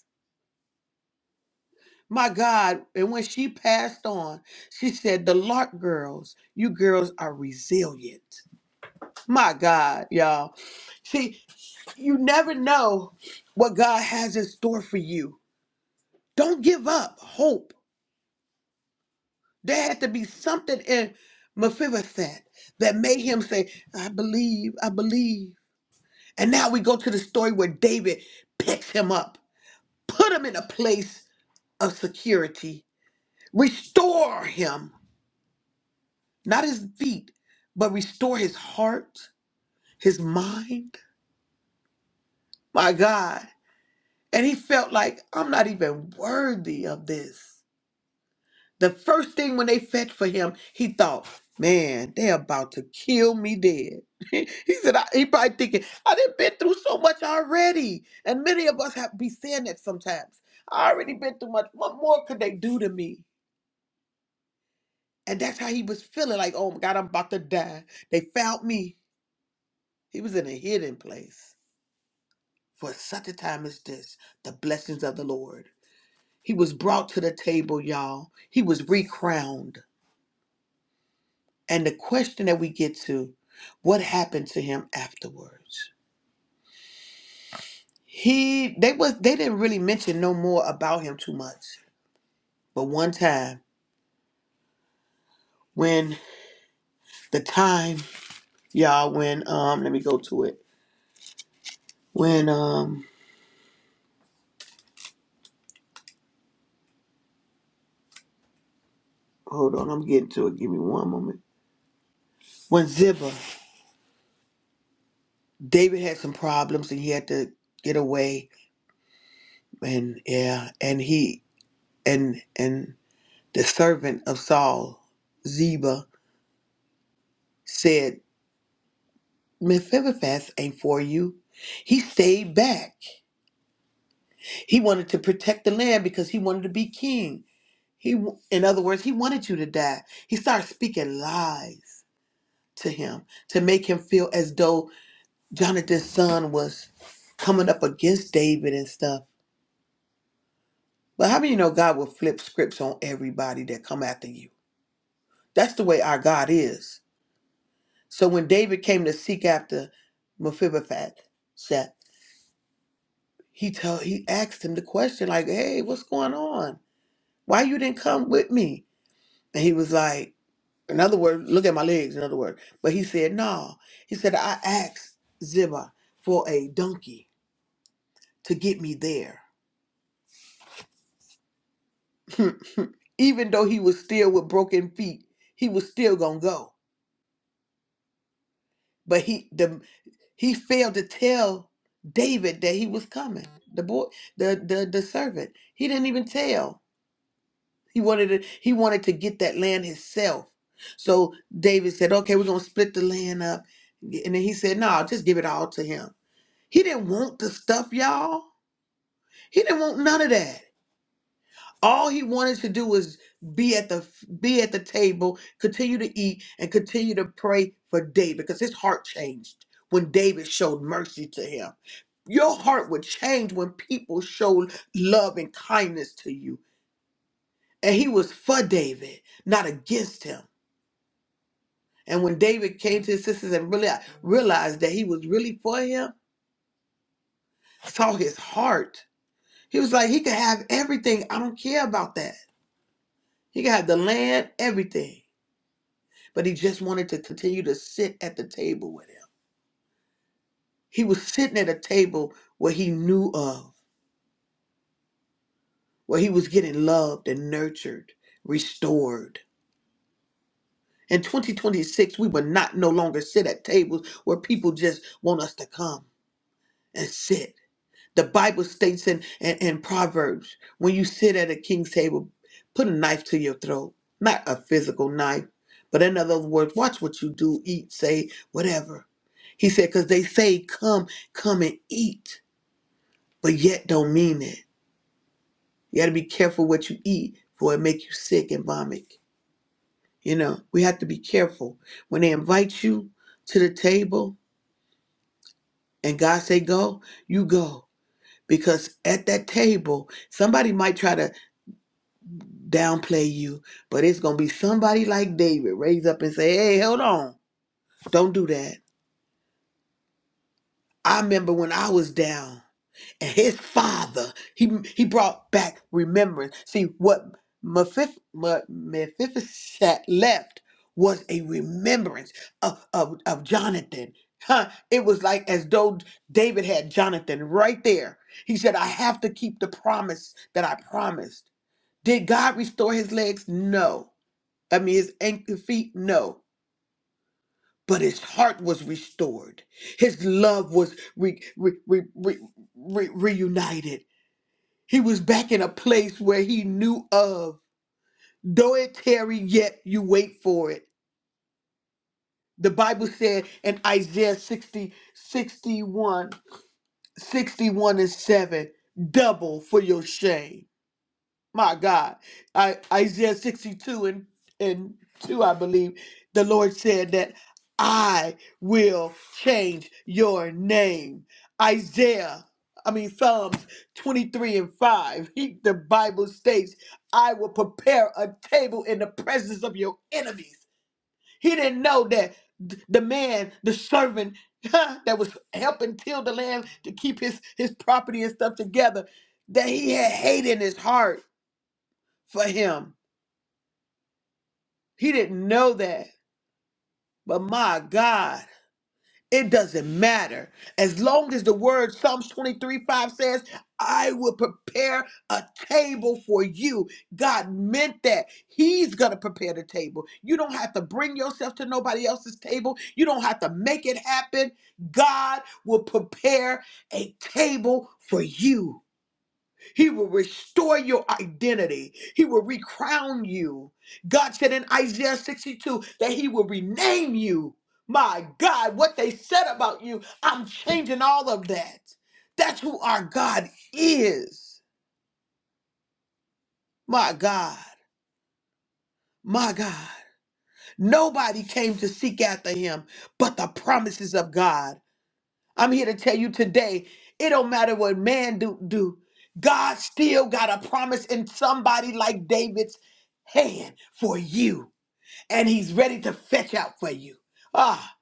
[SPEAKER 3] My God, and when she passed on, she said, The Lark girls, you girls are resilient. My God, y'all. See, you never know what God has in store for you. Don't give up hope. There had to be something in Mephibosheth that made him say, I believe, I believe. And now we go to the story where David picks him up, put him in a place of security, restore him. not his feet, but restore his heart, his mind. My God. And he felt like, I'm not even worthy of this. The first thing when they fetched for him, he thought, man, they're about to kill me dead. he said, I, he probably thinking, I done been through so much already. And many of us have be saying that sometimes. I already been through much. What more could they do to me? And that's how he was feeling like, oh my God, I'm about to die. They found me. He was in a hidden place. for such a time as this, the blessings of the Lord. He was brought to the table, y'all. He was recrowned. And the question that we get to, what happened to him afterwards? He they was they didn't really mention no more about him too much. But one time when the time, y'all, when um let me go to it. When um hold on, I'm getting to it. Give me one moment. When Ziba, David had some problems and he had to get away and yeah, and he and and the servant of Saul, Ziba, said, Mephibosheth ain't for you. He stayed back. He wanted to protect the land because he wanted to be king. He, w- in other words, he wanted you to die. He started speaking lies to him to make him feel as though Jonathan's son was coming up against David and stuff. But how many of you know God will flip scripts on everybody that come after you? That's the way our God is. So when David came to seek after Mephibosheth, Seth, he told he asked him the question like, "Hey, what's going on? Why you didn't come with me?" And he was like, in other words, look at my legs. In other words, but he said, "No." He said, "I asked Ziba for a donkey to get me there." Even though he was still with broken feet, he was still gonna go. But he the he failed to tell David that he was coming. The boy, the the the servant, he didn't even tell. He wanted to he wanted to get that land himself. So David said, "Okay, we're gonna split the land up," and then he said, "No, just give it all to him." He didn't want the stuff, y'all. He didn't want none of that. All he wanted to do was be at the be at the table, continue to eat, and continue to pray for David because his heart changed when David showed mercy to him. Your heart would change when people showed love and kindness to you. And he was for David, not against him. And when David came to his sisters and really realized that he was really for him, saw his heart. He was like, he could have everything. I don't care about that. He could have the land, everything. but he just wanted to continue to sit at the table with him. He was sitting at a table where he knew of, where he was getting loved and nurtured, restored. In 2026, we will not no longer sit at tables where people just want us to come and sit. The Bible states in, in, in Proverbs when you sit at a king's table, put a knife to your throat, not a physical knife, but in other words, watch what you do, eat, say, whatever. He said, because they say, come, come and eat, but yet don't mean it. You got to be careful what you eat, for it make you sick and vomit. You know, we have to be careful. When they invite you to the table and God say go, you go. Because at that table, somebody might try to downplay you, but it's gonna be somebody like David raise up and say, "Hey, hold on, don't do that." I remember when I was down, and his father he he brought back remembrance. See what Mephif- Me- Mephibosheth left was a remembrance of, of of Jonathan. Huh? It was like as though David had Jonathan right there. He said, "I have to keep the promise that I promised." Did God restore his legs? No. I mean, his ankle feet, no. But his heart was restored. His love was re, re, re, re, re, reunited. He was back in a place where he knew of. Though it tarry, yet you wait for it. The Bible said in Isaiah 60 61 61 and 7, double for your shame. My God. I, Isaiah 62 and, and 2, I believe, the Lord said that I will change your name. Isaiah, I mean, Psalms 23 and 5, he, the Bible states, I will prepare a table in the presence of your enemies. He didn't know that th- the man, the servant that was helping till the land to keep his, his property and stuff together, that he had hate in his heart for him. He didn't know that. But my God, it doesn't matter. As long as the word Psalms 23 5 says, I will prepare a table for you. God meant that. He's going to prepare the table. You don't have to bring yourself to nobody else's table, you don't have to make it happen. God will prepare a table for you. He will restore your identity. He will recrown you. God said in Isaiah 62 that He will rename you. My God, what they said about you, I'm changing all of that. That's who our God is. My God, my God. Nobody came to seek after Him but the promises of God. I'm here to tell you today, it don't matter what man do do. God still got a promise in somebody like David's hand for you, and he's ready to fetch out for you. Ah,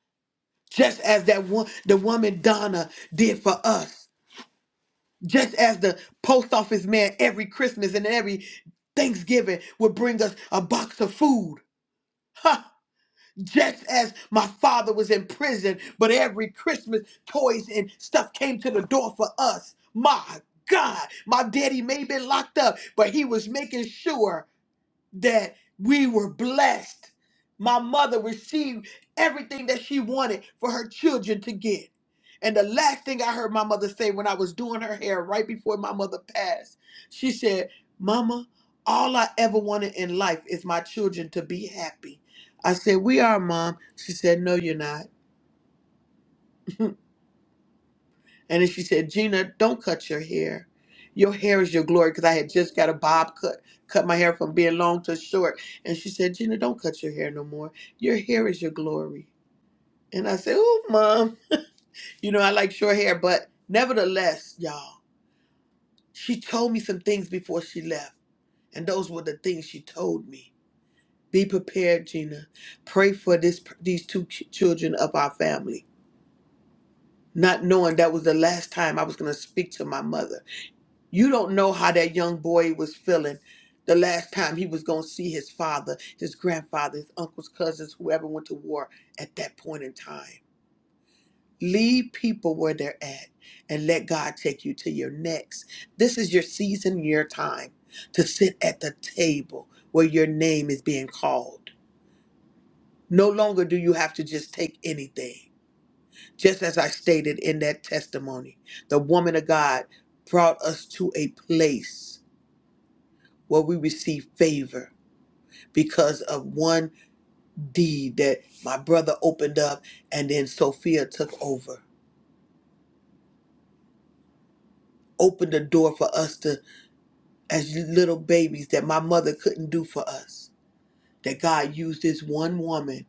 [SPEAKER 3] just as that one the woman Donna did for us. Just as the post office man every Christmas and every Thanksgiving would bring us a box of food. Just as my father was in prison, but every Christmas toys and stuff came to the door for us. My God, my daddy may have been locked up, but he was making sure that we were blessed. My mother received everything that she wanted for her children to get. And the last thing I heard my mother say when I was doing her hair right before my mother passed, she said, Mama, all I ever wanted in life is my children to be happy. I said, We are, Mom. She said, No, you're not. And then she said, Gina, don't cut your hair. Your hair is your glory. Because I had just got a bob cut, cut my hair from being long to short. And she said, Gina, don't cut your hair no more. Your hair is your glory. And I said, Oh, mom, you know, I like short hair. But nevertheless, y'all, she told me some things before she left. And those were the things she told me. Be prepared, Gina. Pray for this, these two ch- children of our family, not knowing that was the last time I was going to speak to my mother You don't know how that young boy was feeling the last time he was going to see his father, his grandfather, his uncles, cousins, whoever went to war at that point in time. Leave people where they're at and let God take you to your next. This is your season, your time to sit at the table where your name is being called. No longer do you have to just take anything. Just as I stated in that testimony, the woman of God brought us to a place where we receive favor because of one deed that my brother opened up and then Sophia took over. Opened the door for us to, as little babies, that my mother couldn't do for us. That God used this one woman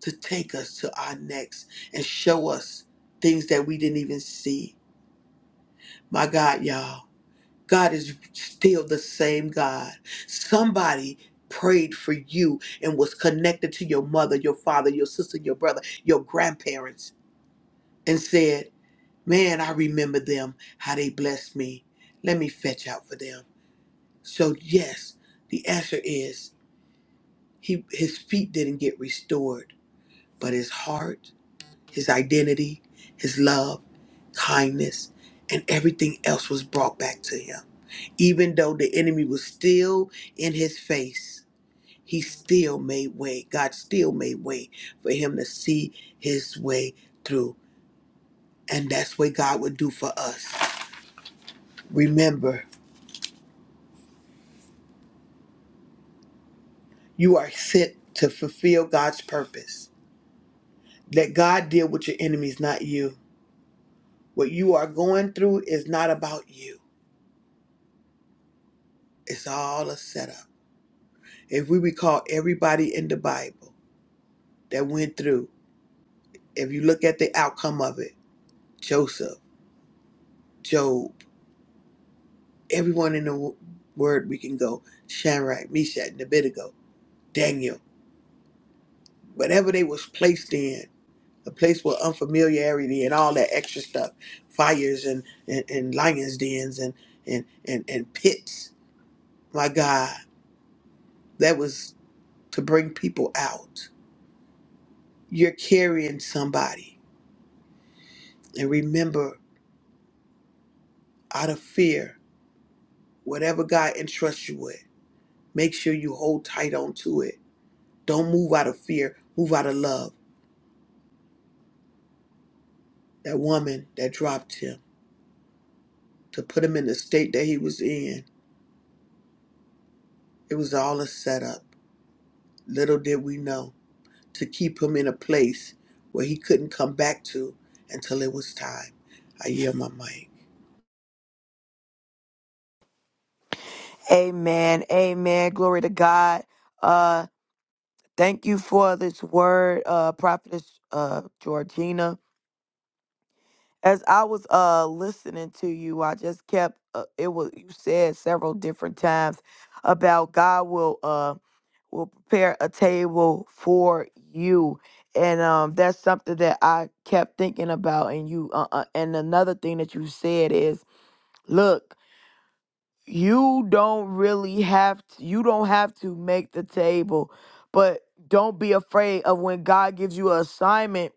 [SPEAKER 3] to take us to our next and show us things that we didn't even see. My God, y'all. God is still the same God. Somebody prayed for you and was connected to your mother, your father, your sister, your brother, your grandparents, and said, Man, I remember them, how they blessed me. Let me fetch out for them. So, yes, the answer is he, his feet didn't get restored, but his heart, his identity, his love, kindness, and everything else was brought back to him. Even though the enemy was still in his face, he still made way. God still made way for him to see his way through. And that's what God would do for us. Remember, you are sent to fulfill God's purpose. Let God deal with your enemies, not you. What you are going through is not about you, it's all a setup. If we recall everybody in the Bible that went through, if you look at the outcome of it, Joseph, Job, everyone in the word we can go Shadrach, Meshach, and Abednego, Daniel, whatever they was placed in, a place with unfamiliarity and all that extra stuff, fires and, and, and lions' dens and, and, and, and pits. My God, that was to bring people out. You're carrying somebody. And remember, out of fear, whatever God entrusts you with, make sure you hold tight on to it. Don't move out of fear, move out of love that woman that dropped him to put him in the state that he was in. It was all a setup. Little did we know to keep him in a place where he couldn't come back to until it was time. I yield my mic.
[SPEAKER 2] Amen. Amen. Glory to God. Uh thank you for this word, uh prophetess uh Georgina. As I was uh listening to you, I just kept uh, it was you said several different times about God will uh will prepare a table for you. And um that's something that I kept thinking about and you uh, uh and another thing that you said is look you don't really have to, you don't have to make the table but don't be afraid of when god gives you an assignment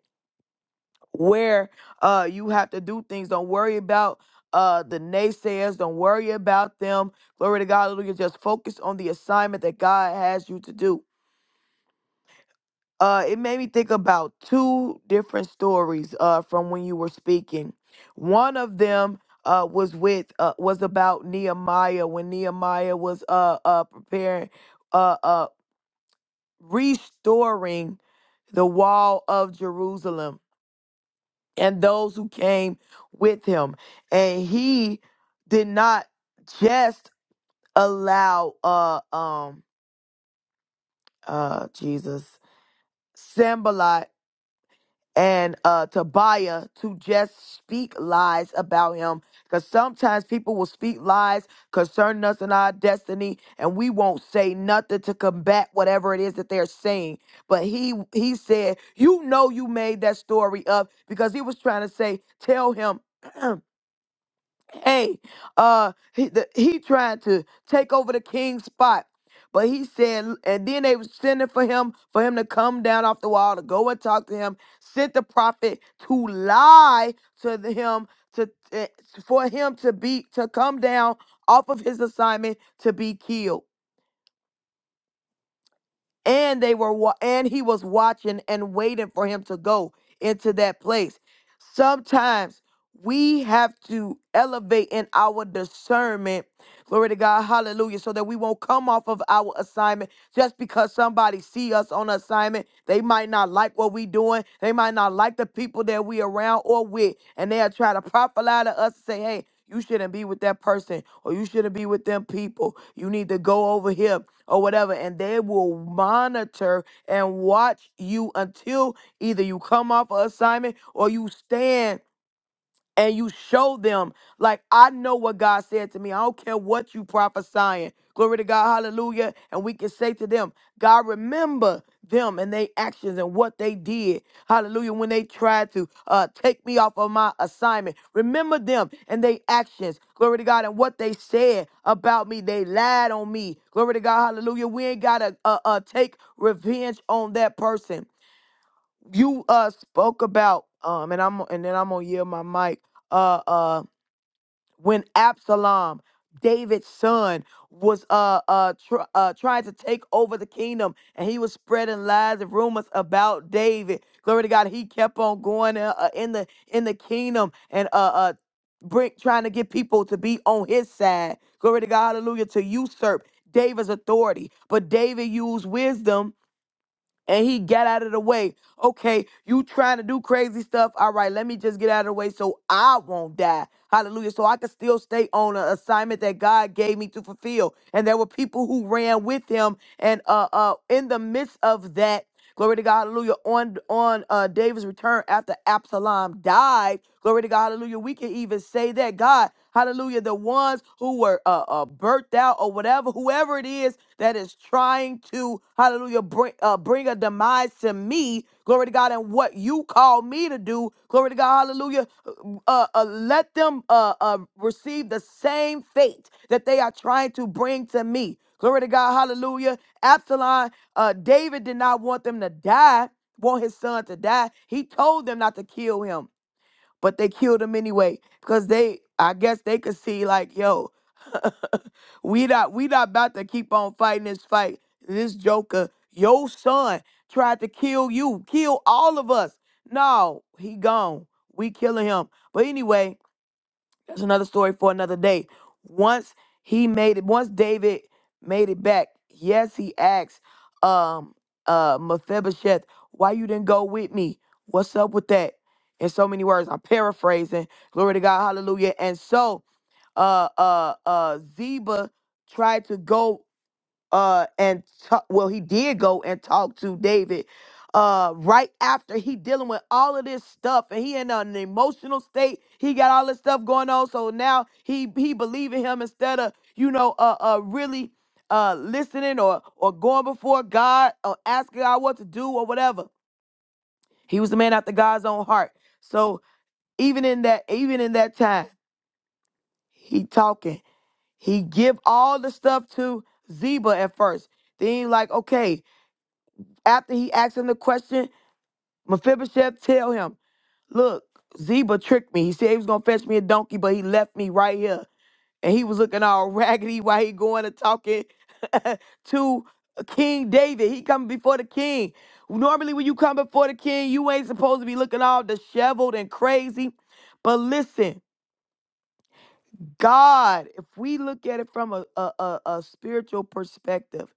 [SPEAKER 2] where uh you have to do things don't worry about uh the naysayers don't worry about them glory to god hallelujah just focus on the assignment that god has you to do uh it made me think about two different stories uh from when you were speaking one of them uh was with uh was about nehemiah when nehemiah was uh uh preparing uh uh restoring the wall of jerusalem and those who came with him and he did not just allow uh um uh jesus Sambalat and uh Tobiah to just speak lies about him. Because sometimes people will speak lies concerning us and our destiny, and we won't say nothing to combat whatever it is that they're saying. But he he said, You know you made that story up because he was trying to say, tell him. hey, uh, he, the, he tried to take over the king's spot. But he said, and then they was sending for him, for him to come down off the wall to go and talk to him. Sent the prophet to lie to the- him, to eh, for him to be to come down off of his assignment to be killed and they were wa- and he was watching and waiting for him to go into that place sometimes we have to elevate in our discernment glory to god hallelujah so that we won't come off of our assignment just because somebody see us on assignment they might not like what we doing they might not like the people that we around or with and they'll try to profile to us and say hey you shouldn't be with that person or you shouldn't be with them people. You need to go over here or whatever. And they will monitor and watch you until either you come off of assignment or you stand and you show them like I know what God said to me. I don't care what you prophesying. Glory to God, hallelujah. And we can say to them, God remember them and their actions and what they did. Hallelujah. When they tried to uh take me off of my assignment. Remember them and their actions. Glory to God and what they said about me. They lied on me. Glory to God. Hallelujah. We ain't gotta uh, uh take revenge on that person you uh spoke about um and I'm and then I'm gonna yield my mic uh uh when Absalom David's son was uh uh, tr- uh trying to take over the kingdom and he was spreading lies and rumors about David glory to God he kept on going uh, uh, in the in the kingdom and uh uh bring, trying to get people to be on his side glory to God hallelujah to usurp David's authority but David used wisdom and he got out of the way. Okay, you trying to do crazy stuff. All right, let me just get out of the way so I won't die. Hallelujah. So I can still stay on an assignment that God gave me to fulfill. And there were people who ran with him. And uh uh in the midst of that, glory to God, hallelujah, on on uh David's return after Absalom died. Glory to God. Hallelujah. We can even say that God, hallelujah, the ones who were uh, uh, birthed out or whatever, whoever it is that is trying to, hallelujah, bring, uh, bring a demise to me, glory to God, and what you call me to do, glory to God, hallelujah, uh, uh, uh, let them uh, uh, receive the same fate that they are trying to bring to me. Glory to God, hallelujah. Absalom, uh, David did not want them to die, want his son to die. He told them not to kill him but they killed him anyway because they, I guess, they could see like, yo, we not we not about to keep on fighting this fight. This Joker, your son tried to kill you, kill all of us. No, he gone. We killing him. But anyway, that's another story for another day. Once he made it, once David made it back, yes, he asked um uh Mephibosheth, why you didn't go with me? What's up with that? In so many words, I'm paraphrasing. Glory to God, hallelujah. And so uh uh uh Zeba tried to go uh and ta- well he did go and talk to david uh right after he dealing with all of this stuff and he in an emotional state he got all this stuff going on so now he he believe in him instead of you know uh uh really uh listening or or going before god or asking god what to do or whatever he was a man after god's own heart so even in that even in that time he talking he give all the stuff to zeba at first then he like okay After he asked him the question, Mephibosheth tell him, look, Ziba tricked me. He said he was going to fetch me a donkey, but he left me right here. And he was looking all raggedy while he going and talking to King David. He coming before the king. Normally when you come before the king, you ain't supposed to be looking all disheveled and crazy. But listen, God, if we look at it from a, a, a a spiritual perspective,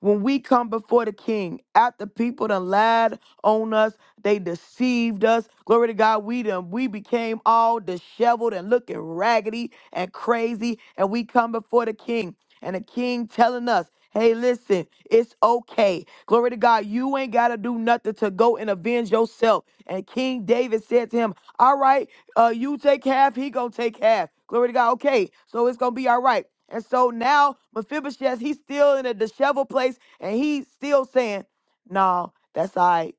[SPEAKER 2] When we come before the king, after people done lied on us, they deceived us. Glory to God, we done we became all disheveled and looking raggedy and crazy. And we come before the king. And the king telling us, hey, listen, it's okay. Glory to God, you ain't gotta do nothing to go and avenge yourself. And King David said to him, All right, uh, you take half, he gonna take half. Glory to God, okay. So it's gonna be all right. And so now Mephibosheth, he's still in a disheveled place and he's still saying, No, that's all right.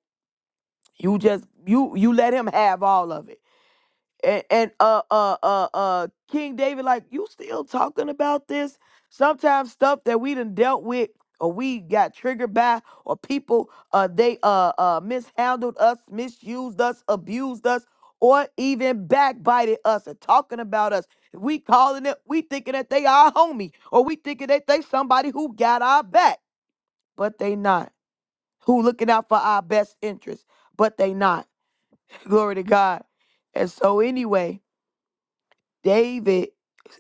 [SPEAKER 2] You just you you let him have all of it and and uh uh uh uh King David, like you still talking about this? Sometimes stuff that we done dealt with or we got triggered by or people uh they uh uh mishandled us, misused us, abused us, or even backbited us and talking about us. We calling it, we thinking that they our homie, or we thinking that they somebody who got our back, but they not. Who looking out for our best interest, but they not. Glory to God. And so anyway, David,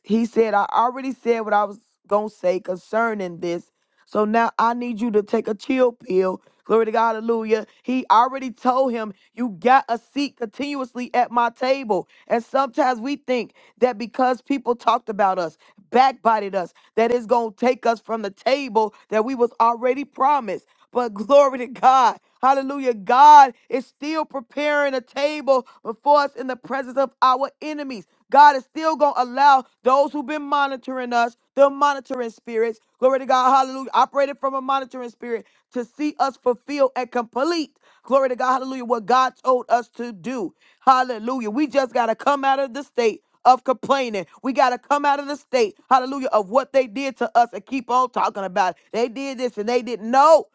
[SPEAKER 2] he said, I already said what I was going to say concerning this. So now I need you to take a chill pill. Glory to God, hallelujah. He already told him, You got a seat continuously at my table. And sometimes we think, that because people talked about us, backbited us, that it's going to take us from the table that we was already promised. But glory to God. Hallelujah. God is still preparing a table before us in the presence of our enemies. God is still going to allow those who've been monitoring us, the monitoring spirits, glory to God, hallelujah, operated from a monitoring spirit to see us fulfill and complete. Glory to God. Hallelujah. What God told us to do. Hallelujah. We just got to come out of the state of complaining. We got to come out of the state, hallelujah, of what they did to us and keep on talking about it. They did this and they didn't know.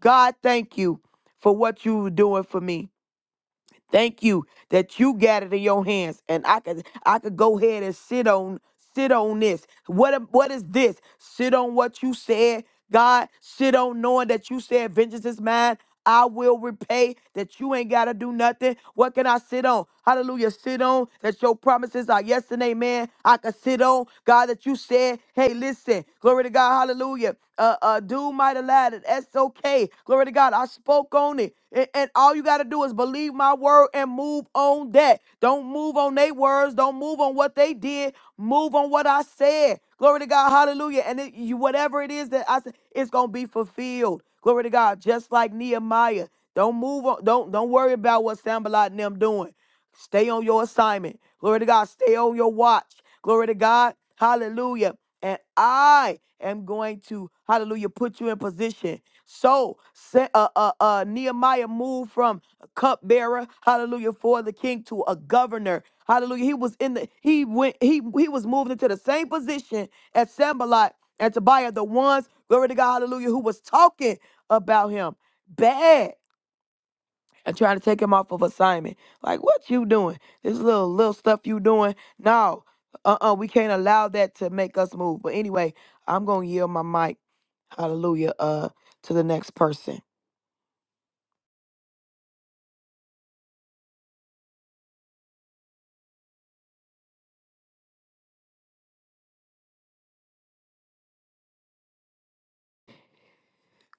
[SPEAKER 2] God, thank you for what you were doing for me. Thank you that you got it in your hands, and I could I could go ahead and sit on sit on this. What am- what is this? Sit on what you said, God. Sit on knowing that you said vengeance is mine. I will repay that you ain't gotta do nothing. What can I sit on? Hallelujah. Sit on that your promises are yes and amen. I can sit on God that you said, hey, listen, glory to God, hallelujah. Hallelujah. Uh, uh, dude might have lied. and That's okay. Glory to God. I spoke on it. And, and all you got to do is believe my word and move on that. Don't move on their words. Don't move on what they did. Move on what I said. Glory to God. Hallelujah. And it, you, whatever it is that I said, it's going to be fulfilled. Glory to God. Just like Nehemiah. Don't move on. Don't, don't worry about what Sambalot and them doing. Stay on your assignment. Glory to God. Stay on your watch. Glory to God. Hallelujah. And I am going to, hallelujah, put you in position. So se- uh, uh, uh, Nehemiah moved from a cupbearer, hallelujah, for the king to a governor. Hallelujah. He was in the, he went, he he was moved into the same position as Sambalot and Tobiah, the ones, glory to God, hallelujah, who was talking about him. Bad and trying to take him off of assignment. Like, what you doing? This little little stuff you doing? No, uh, uh we can't allow that to make us move. But anyway, I'm gonna yield my mic. Hallelujah. Uh, to the next person.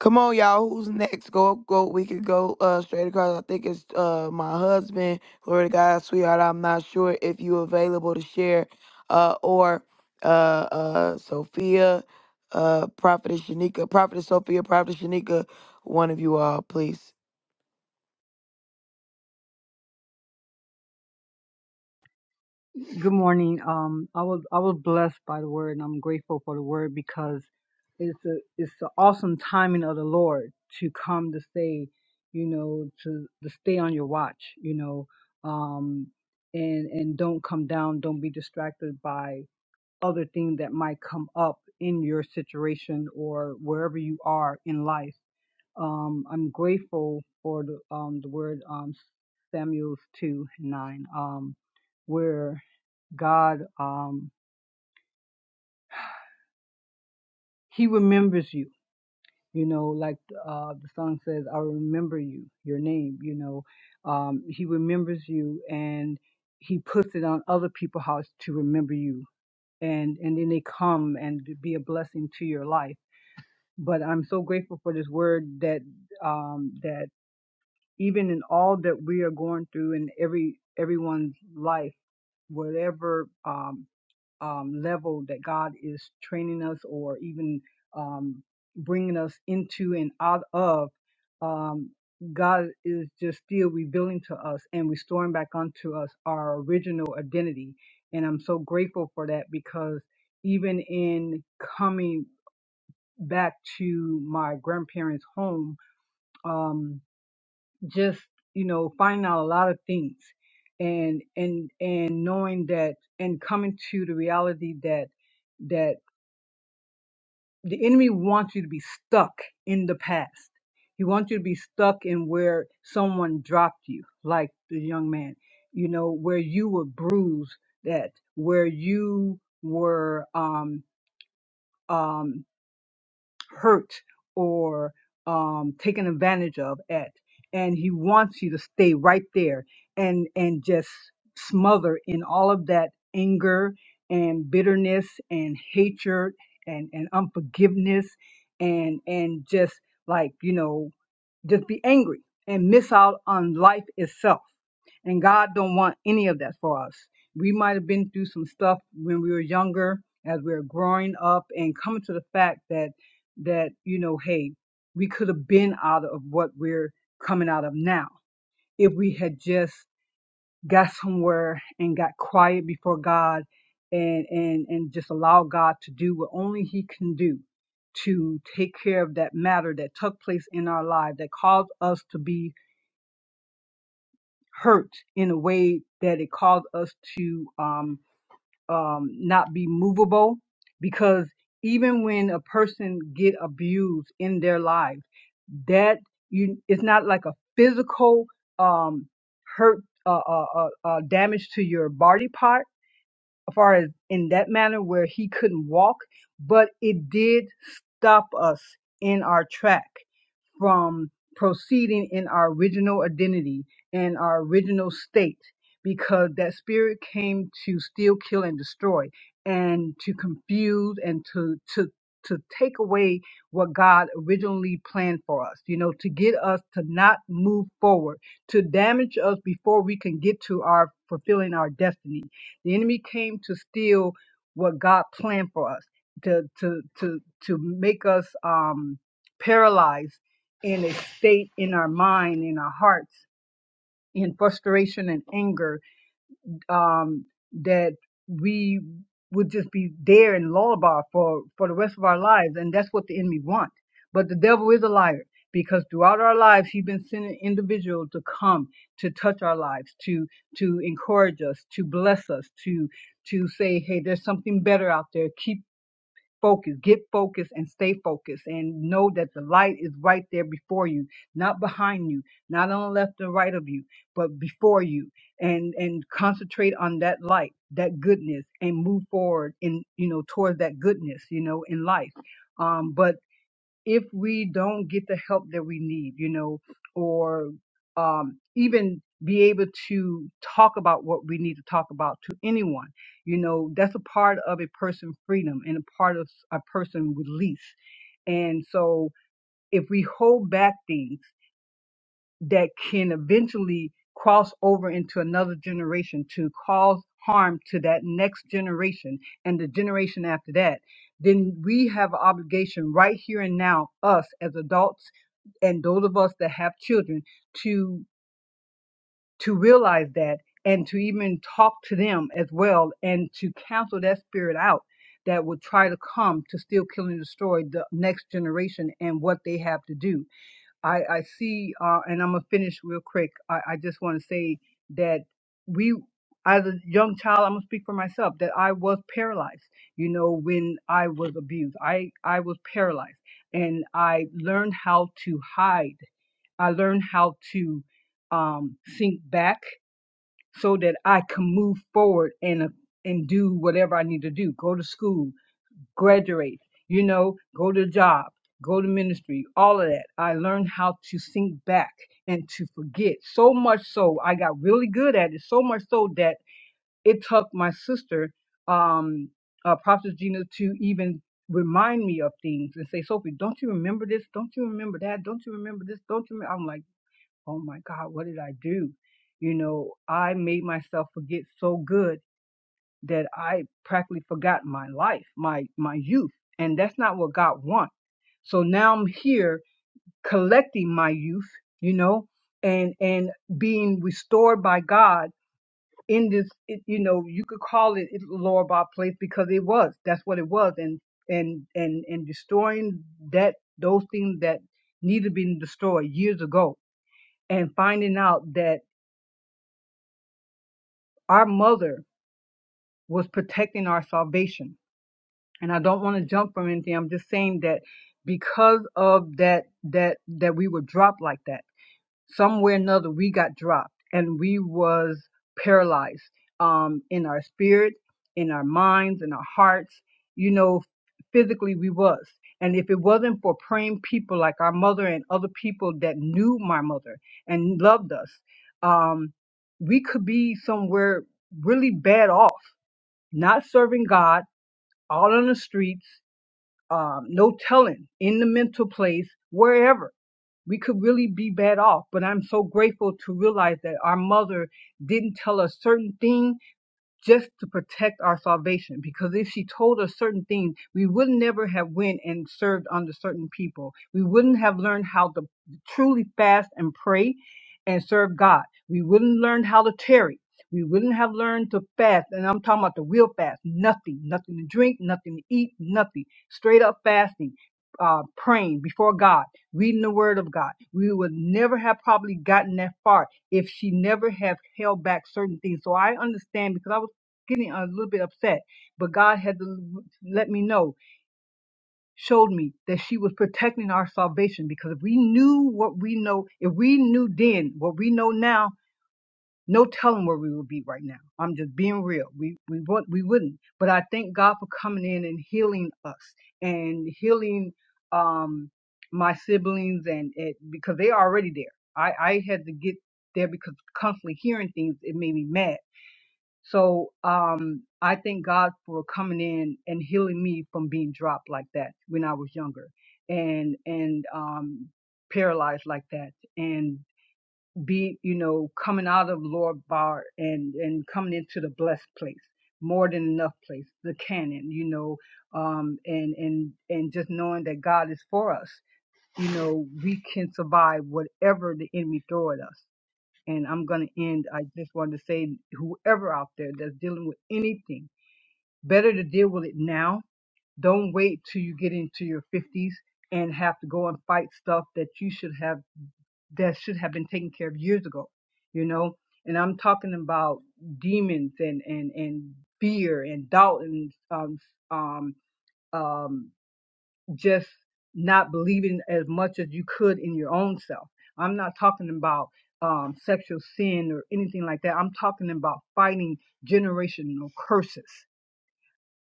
[SPEAKER 2] Come on, y'all. Who's next? Go, go. We could go uh straight across. I think it's uh my husband. Glory to God, sweetheart. I'm not sure if you available to share, uh, or uh, uh, Sophia, uh, Prophetess Shanika, Prophetess Sophia, Prophetess Shanika. One of you all, please.
[SPEAKER 4] Good morning. Um, I was I was blessed by the word, and I'm grateful for the word because it's a it's the awesome timing of the Lord to come to say, you know, to to stay on your watch, you know, um, and and don't come down, don't be distracted by other thing that might come up in your situation or wherever you are in life. Um, I'm grateful for the, um, the word um, Samuel's 2 9, um, where God, um, He remembers you. You know, like uh, the song says, I remember you, your name, you know. Um, he remembers you and He puts it on other people's hearts to remember you. And, and then they come and be a blessing to your life but I'm so grateful for this word that um, that even in all that we are going through in every everyone's life, whatever um, um, level that God is training us or even um, bringing us into and out of, um, God is just still revealing to us and restoring back unto us our original identity. And I'm so grateful for that because even in coming back to my grandparents' home, um, just you know, finding out a lot of things, and and and knowing that, and coming to the reality that that the enemy wants you to be stuck in the past. He wants you to be stuck in where someone dropped you, like the young man, you know, where you were bruised, that where you were um, um, hurt or um, taken advantage of at, and he wants you to stay right there and and just smother in all of that anger and bitterness and hatred and and unforgiveness and and just like you know just be angry and miss out on life itself. And God don't want any of that for us. We might have been through some stuff when we were younger, as we were growing up and coming to the fact that that, you know, hey, we could have been out of what we're coming out of now if we had just got somewhere and got quiet before God and and and just allow God to do what only he can do to take care of that matter that took place in our life that caused us to be hurt in a way that it caused us to um um not be movable because even when a person get abused in their life that you it's not like a physical um hurt uh, uh, uh, uh, damage to your body part far as in that manner where he couldn't walk, but it did stop us in our track from proceeding in our original identity and our original state because that spirit came to steal, kill, and destroy and to confuse and to, to, to take away what God originally planned for us, you know, to get us to not move forward, to damage us before we can get to our fulfilling our destiny. The enemy came to steal what God planned for us, to to to to make us um paralyzed in a state in our mind, in our hearts, in frustration and anger, um, that we would just be there in lullaby for, for the rest of our lives. And that's what the enemy wants. But the devil is a liar because throughout our lives, he's been sending individuals to come to touch our lives, to, to encourage us, to bless us, to, to say, Hey, there's something better out there. Keep focus, get focused and stay focused and know that the light is right there before you, not behind you, not on the left or right of you, but before you and, and concentrate on that light, that goodness and move forward in, you know, towards that goodness, you know, in life. Um, but if we don't get the help that we need, you know, or um, even be able to talk about what we need to talk about to anyone, you know, that's a part of a person's freedom and a part of a person's release. And so if we hold back things, that can eventually cross over into another generation to cause harm to that next generation and the generation after that, then we have an obligation right here and now, us as adults and those of us that have children, to to realize that and to even talk to them as well and to cancel that spirit out that would try to come to still kill and destroy the next generation and what they have to do I, I see, uh, and I'm gonna finish real quick. I, I just want to say that we, as a young child, I'm gonna speak for myself that I was paralyzed. You know, when I was abused, I I was paralyzed, and I learned how to hide. I learned how to um, sink back so that I can move forward and and do whatever I need to do. Go to school, graduate, you know, go to job, go to ministry, all of that. I learned how to think back and to forget. So much so I got really good at it. So much so that it took my sister, um, uh, Prophet Gina, to even remind me of things and say, Sophie, don't you remember this? Don't you remember that? Don't you remember this? Don't you? Remember? I'm like, oh my God, what did I do? You know, I made myself forget so good that I practically forgot my life, my my youth, and that's not what God wants. So now I'm here collecting my youth, you know, and and being restored by God in this, it, you know, you could call it it's a Lorbar place because it was. That's what it was, and and and and destroying that those things that needed to be destroyed years ago, and finding out that our mother was protecting our salvation and I don't want to jump from anything. I'm just saying that because of that that that we were dropped like that, somewhere or another we got dropped and we was paralyzed um in our spirit, in our minds, in our hearts, you know, physically we was. And if it wasn't for praying people like our mother and other people that knew my mother and loved us, um, we could be somewhere really bad off, not serving God, all on the streets, um, no telling in the mental place, wherever. We could really be bad off, but I'm so grateful to realize that our mother didn't tell us certain things just to protect our salvation because if she told us certain things we would never have went and served under certain people we wouldn't have learned how to truly fast and pray and serve god we wouldn't learn how to tarry we wouldn't have learned to fast and i'm talking about the real fast nothing nothing to drink nothing to eat nothing straight up fasting uh, praying before God, reading the Word of God, we would never have probably gotten that far if she never have held back certain things. So I understand because I was getting a little bit upset, but God had to let me know, showed me that she was protecting our salvation because if we knew what we know, if we knew then what we know now, no telling where we would be right now. I'm just being real. We we would we wouldn't. But I thank God for coming in and healing us and healing um my siblings and it because they are already there. I I had to get there because constantly hearing things it made me mad so um, I thank God for coming in and healing me from being dropped like that when I was younger, and and um, paralyzed like that, and be you know coming out of Lord Bar and and coming into the blessed place, more than enough place, the canon, you know, um, and and and just knowing that God is for us, you know, we can survive whatever the enemy throw at us and I'm going to end. I just wanted to say, whoever out there that's dealing with anything, better to deal with it now. Don't wait till you get into your 50s and have to go and fight stuff that you should have that should have been taken care of years ago. You know, and I'm talking about demons and and and fear and doubt and um um um just not believing as much as you could in your own self. I'm not talking about um, sexual sin or anything like that. I'm talking about fighting generational curses.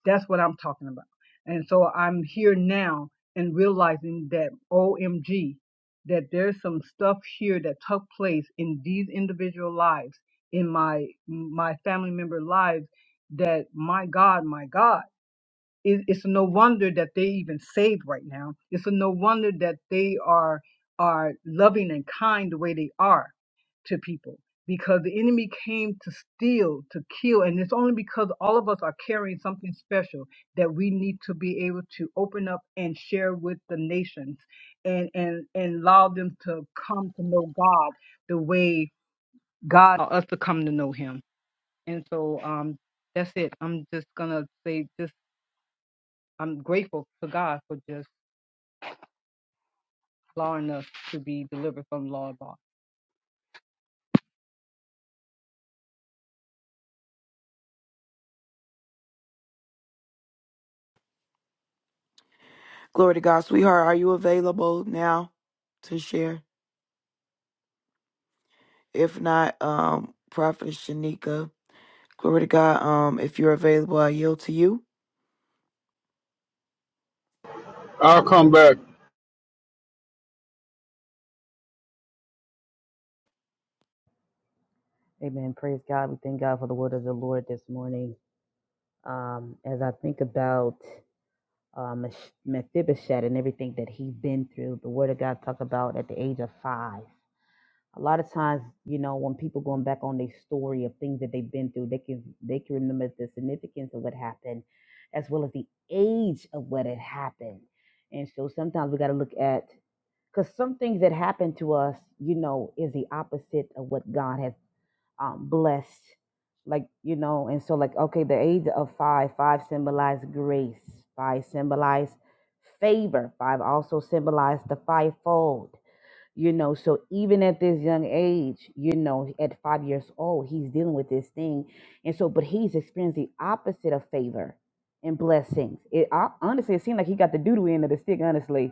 [SPEAKER 4] That's what I'm talking about. And so I'm here now and realizing that OMG, that there's some stuff here that took place in these individual lives, in my my family member lives, that my God, my God it, it's no wonder that they even saved right now. It's no wonder that they are are loving and kind the way they are to people because the enemy came to steal, to kill, and it's only because all of us are carrying something special that we need to be able to open up and share with the nations and and and allow them to come to know God the way God or us to come to know him. And so um that's it. I'm just gonna say just I'm grateful to God for just allowing us to be delivered from the law and bondage.
[SPEAKER 2] Glory to God, sweetheart. Are you available now to share? If not, um, Prophet Shanika. Glory to God. Um, if you're available, I yield to you.
[SPEAKER 1] I'll come back.
[SPEAKER 5] Amen. Praise God. We thank God for the word of the Lord this morning. Um, as I think about um, Mephibosheth and everything that he's been through, the word of God talk about at the age of five. A lot of times, you know, when people going back on their story of things that they've been through, they can they can remember the significance of what happened, as well as the age of what had happened. And so sometimes we got to look at because some things that happen to us, you know, is the opposite of what God has um, blessed, like you know. And so, like okay, the age of five, five symbolized grace. Five symbolized favor. Five also symbolized the fivefold. You know, so even at this young age, you know, at five years old, he's dealing with this thing, and so, but he's experienced the opposite of favor and blessings. It I, honestly, it seemed like he got the doodoo end of the stick. Honestly,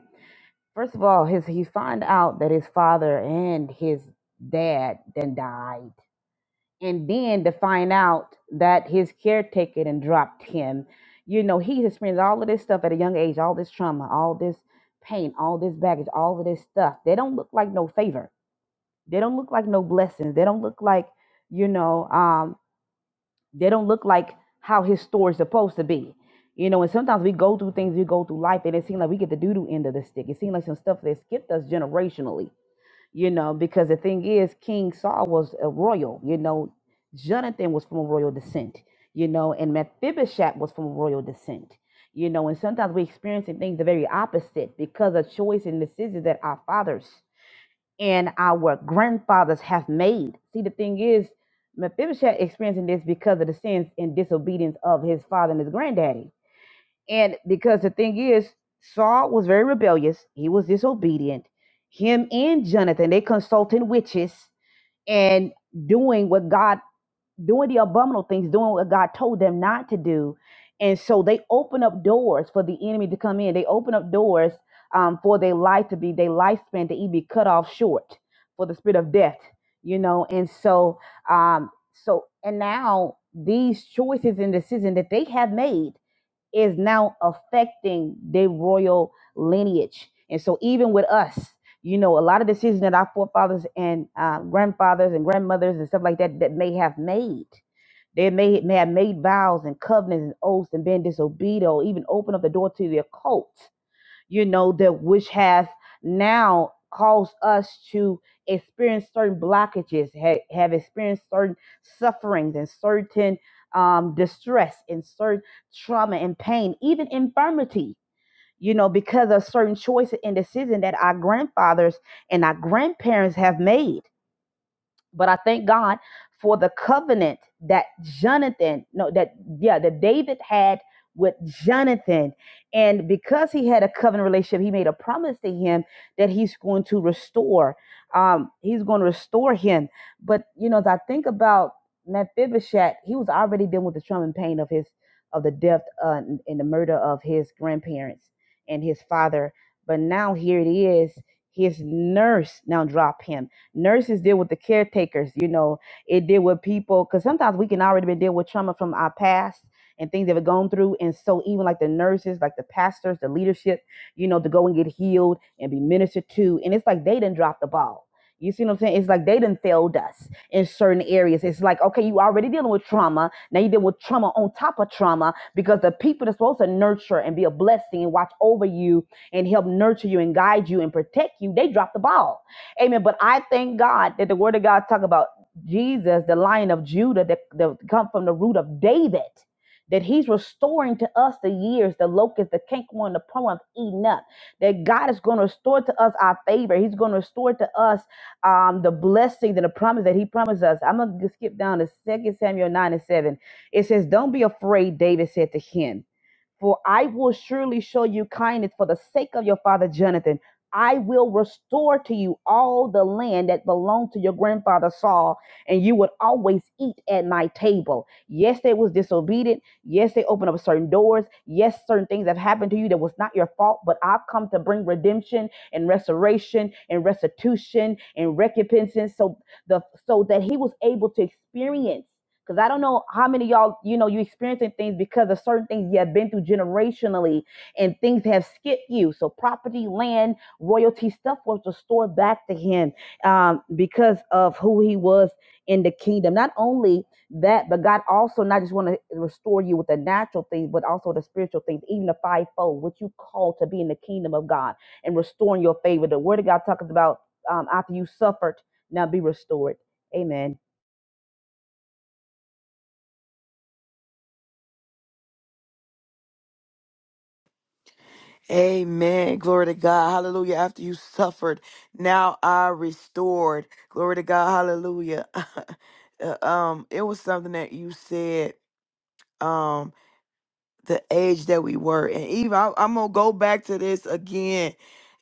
[SPEAKER 5] first of all, his he find out that his father and his dad then died and then to find out that his caretaker and dropped him you know he's experienced all of this stuff at a young age all this trauma all this pain all this baggage all of this stuff they don't look like no favor they don't look like no blessings they don't look like you know um they don't look like how his story's supposed to be you know and sometimes we go through things we go through life and it seems like we get the doo-doo end of the stick it seems like some stuff that skipped us generationally you know, because the thing is, King Saul was a royal, you know, Jonathan was from a royal descent, you know, and Mephibosheth was from a royal descent, you know, and sometimes we're experiencing things the very opposite because of choice and decisions that our fathers and our grandfathers have made. See, the thing is, Mephibosheth experiencing this because of the sins and disobedience of his father and his granddaddy and because the thing is, Saul was very rebellious, he was disobedient. Him and Jonathan, they consulting witches and doing what God, doing the abominable things, doing what God told them not to do. And so they open up doors for the enemy to come in. They open up doors um, for their life to be, their lifespan to even be cut off short for the spirit of death, you know. And so, um, so, and now these choices and decisions that they have made is now affecting their royal lineage. And so, even with us, you know, a lot of decisions that our forefathers and uh, grandfathers and grandmothers and stuff like that that may have made, they may, may have made vows and covenants and oaths and been disobedient, or even opened up the door to the occult you know, that which has now caused us to experience certain blockages, ha- have experienced certain sufferings and certain um, distress and certain trauma and pain, even infirmity, you know, because of certain choices and decisions that our grandfathers and our grandparents have made but I thank God for the covenant that Jonathan, no, that yeah, that David had with Jonathan. And because he had a covenant relationship, he made a promise to him that he's going to restore. Um, he's going to restore him. But you know, as I think about Mephibosheth, he was already dealing with the trauma and pain of his of the death uh, and and the murder of his grandparents and his father. But now here it is, his nurse now dropped him Nurses deal with the caretakers, you know, it deal with people because sometimes we can already been deal with trauma from our past and things that we've gone through. And so even like the nurses, like the pastors, the leadership, you know, to go and get healed and be ministered to. And it's like they didn't drop the ball. You see what I'm saying? It's like they didn't failed us in certain areas. It's like, okay, you already dealing with trauma. Now you deal with trauma on top of trauma because the people that's supposed to nurture and be a blessing and watch over you and help nurture you and guide you and protect you, they drop the ball. Amen. But I thank God that the word of God talk about Jesus, the lion of Judah that, that come from the root of David, that he's restoring to us the years, the locust, the cankerworm, the plum, eaten up. That God is going to restore to us our favor. He's going to restore to us um, the blessings and the promise that he promised us. I'm going to skip down to Second Samuel 9 and 7. It says, Don't be afraid, David said to him. For I will surely show you kindness for the sake of your father Jonathan. I will restore to you all the land that belonged to your grandfather Saul, and you would always eat at my table. Yes, they was disobedient. Yes, they opened up certain doors. Yes, certain things have happened to you that was not your fault, but I've come to bring redemption and restoration and restitution and recompense. So the so that he was able to experience. Because I don't know how many of y'all, you know, you experiencing things because of certain things you have been through generationally and things have skipped you. So property, land, royalty, stuff was restored back to him um, because of who he was in the kingdom. Not only that, but God also not just want to restore you with the natural things, but also the spiritual things, even the fivefold, what you call to be in the kingdom of God and restoring your favor. The word of God talks about um, after you suffered, now be restored. Amen.
[SPEAKER 2] Amen. Glory to God. Hallelujah. After you suffered, now I restored. Glory to God. Hallelujah. Uh, um, it was something that you said. Um, the age that we were, and even I, I'm gonna go back to this again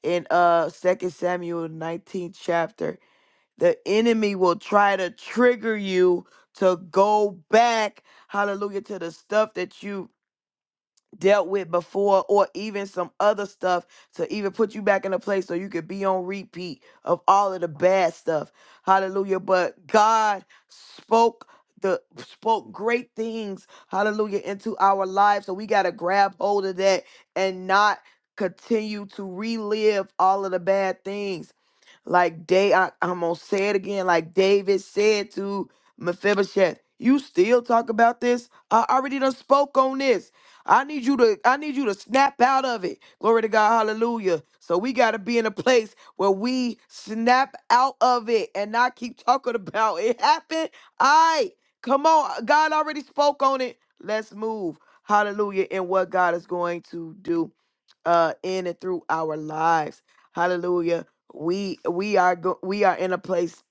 [SPEAKER 2] in uh Second Samuel 19th chapter the enemy will try to trigger you to go back, hallelujah, to the stuff that you dealt with before, or even some other stuff to even put you back in a place so you could be on repeat of all of the bad stuff. Hallelujah. But God spoke. The, spoke great things, hallelujah, into our lives. So we got to grab hold of that and not continue to relive all of the bad things like day I I'm gonna say it again, like David said to Mephibosheth, you still talk about this? I already done spoke on this. I need you to I need you to snap out of it. Glory to God, hallelujah. So we gotta be in a place where we snap out of it and not keep talking about it happened. I come on, God already spoke on it. Let's move. Hallelujah. And what God is going to do uh in and through our lives. Hallelujah we we are go- we are in a place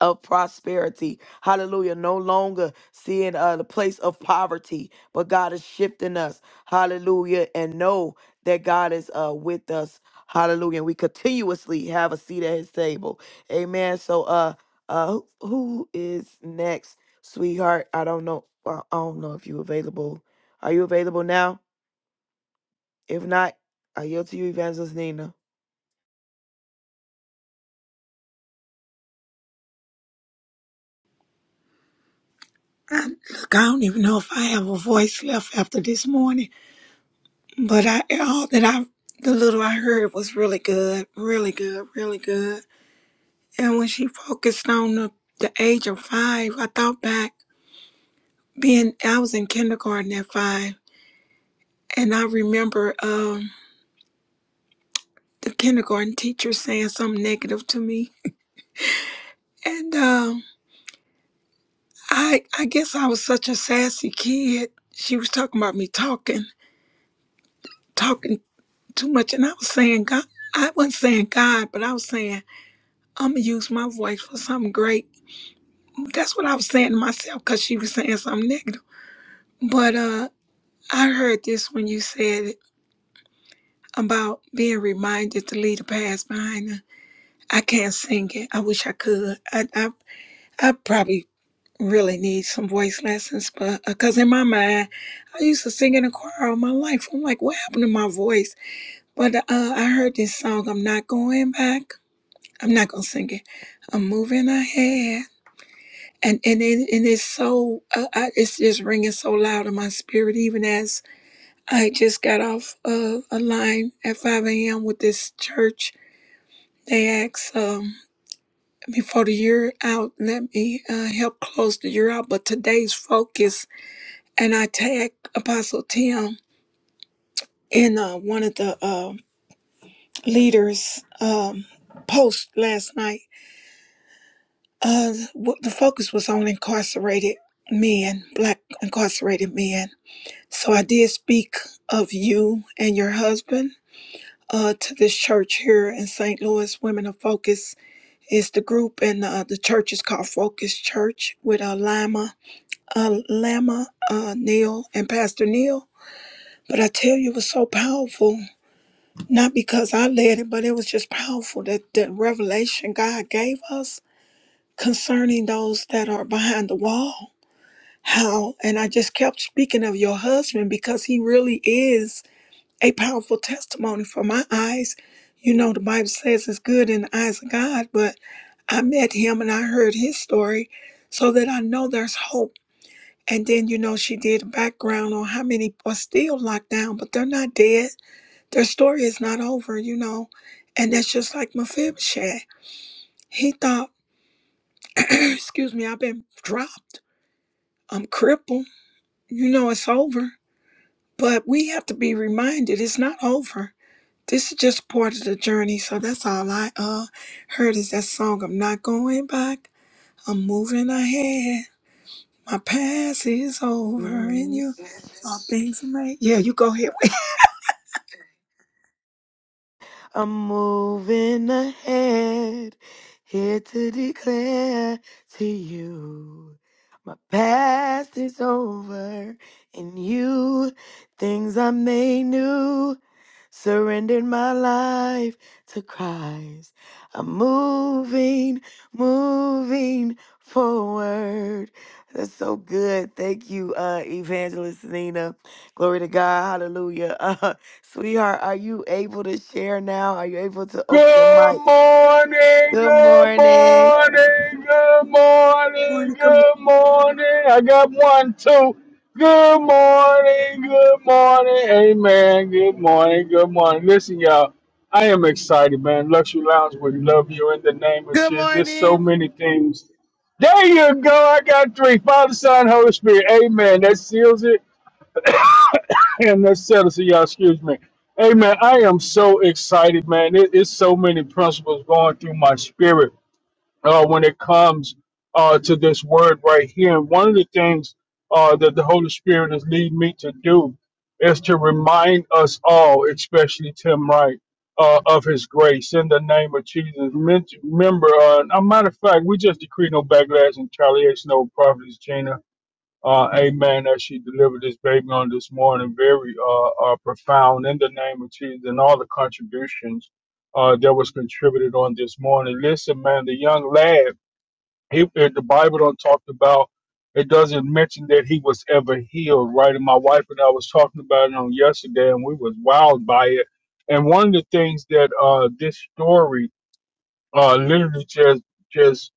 [SPEAKER 2] of prosperity hallelujah no longer seeing uh the place of poverty but god is shifting us hallelujah and know that god is uh with us hallelujah and we continuously have a seat at his table amen so uh uh who who is next sweetheart i don't know i I don't know if you available are you available now if not i yield to you evangelist nina
[SPEAKER 6] I, look, I don't even know if I have a voice left after this morning, but I all that I the little I heard was really good, really good, really good. And when she focused on the, the age of five, I thought back being I was in kindergarten at five, and I remember um, the kindergarten teacher saying something negative to me, and um, I I guess I was such a sassy kid. She was talking about me talking. talking. too much. And I was saying God, I wasn't saying God, but I was saying I'm gonna use my voice for something great. That's what I was saying to myself because she was saying something negative. But uh, I heard this when you said it about being reminded to leave the past behind. Her. I can't sing it. I wish I could. I I, I probably really need some voice lessons, but because in my mind, I used to sing in a choir all my life. I'm like, what happened to my voice? But uh, I heard this song, I'm Not Going Back. I'm not gonna sing it. I'm moving ahead, and and it, and it's so uh, I, it's just ringing so loud in my spirit. Even as I just got off uh, a line at 5 a.m. with this church, they asked um, before the year out, let me uh, help close the year out. But today's focus, and I tag Apostle Tim in uh, one of the uh, leaders' um, post last night Uh, w- the focus was on incarcerated men, black incarcerated men. So I did speak of you and your husband uh, to this church here in St. Louis. Women of Focus is the group, and uh, the church is called Focus Church with uh, Lama, uh, Lama, uh, Neil, and Pastor Neil. But I tell you, it was so powerful, not because I led it, but it was just powerful that the revelation God gave us concerning those that are behind the wall how and i just kept speaking of your husband because he really is a powerful testimony for my eyes you know the bible says it's good in the eyes of god but i met him and i heard his story so that i know there's hope and then you know she did a background on how many are still locked down but they're not dead their story is not over you know and that's just like mephibosheth he thought excuse me i've been dropped i'm crippled you know it's over But we have to be reminded it's not over. This is just part of the journey. So that's all I uh heard is that song. I'm not going back. I'm moving ahead. My past is over, and you
[SPEAKER 2] Yes.
[SPEAKER 6] all things are made. Yeah, you go ahead. Wait,
[SPEAKER 2] I'm moving ahead, here to declare to you. My past is over, and you, things are made new. Surrendered my life to Christ. I'm moving, moving forward. That's so good. Thank you, uh, Evangelist Nina. Glory to God. Hallelujah. Uh, sweetheart, are you able to share now? Are you able to open your
[SPEAKER 1] Good
[SPEAKER 2] mic?
[SPEAKER 1] morning,
[SPEAKER 2] Good
[SPEAKER 1] good
[SPEAKER 2] morning.
[SPEAKER 1] morning, good morning,
[SPEAKER 6] morning, good morning.
[SPEAKER 1] good morning. I got one, two. Good morning, good morning, amen. Good morning, good morning. Listen, y'all, I am excited, man. Luxury Lounge would love you in the name of
[SPEAKER 3] Good
[SPEAKER 1] Jesus. There's so
[SPEAKER 3] morning.
[SPEAKER 1] many things. There you go. I got three Father, Son, Holy Spirit, amen. That seals it. And that's settled, so y'all excuse me. Hey man, I am so excited, man. It, it's so many principles going through my spirit uh, when it comes uh, to this word right here. And one of the things uh, that the Holy Spirit is leading me to do is to remind us all, especially Tim Wright, uh, of His grace in the name of Jesus. Men- Remember, uh, a matter of fact, we just decree no backlash and retaliation over properties, Gina uh, amen, as she delivered this baby on this morning, very uh, uh, profound in the name of Jesus and all the contributions uh, that was contributed on this morning. Listen, man, the young lad, he, uh, the Bible don't talk about, it doesn't mention that he was ever healed, right? And my wife and I was talking about it on yesterday, and we was wowed by it. And one of the things that uh, this story uh, literally just, just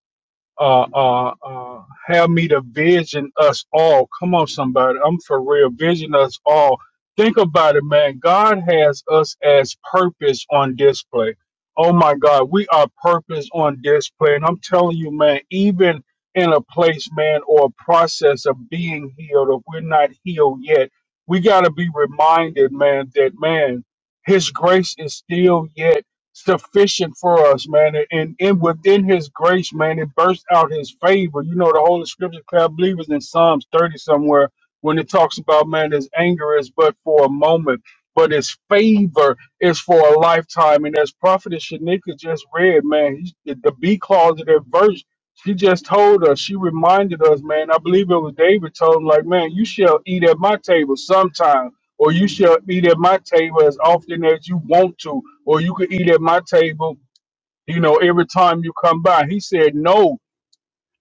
[SPEAKER 1] uh, uh, uh, have me to vision us all. Come on, somebody. I'm for real. Vision us all. Think about it, man. God has us as purpose on display. Oh my God, we are purpose on display. And I'm telling you, man, even in a place, man, or a process of being healed, if we're not healed yet, we got to be reminded, man, that, man, His grace is still yet sufficient for us, man. And, and within his grace, man, it bursts out his favor. You know, the Holy Scripture, I believe, is in Psalms 30 somewhere when it talks about, man, his anger is but for a moment, but his favor is for a lifetime. And as Prophet Shanika just read, man, he, the, the B clause of that verse, she just told us, she reminded us, man, I believe it was David told him, like, man, you shall eat at my table sometime or you shall eat at my table as often as you want to, or you could eat at my table, you know, every time you come by. He said, No.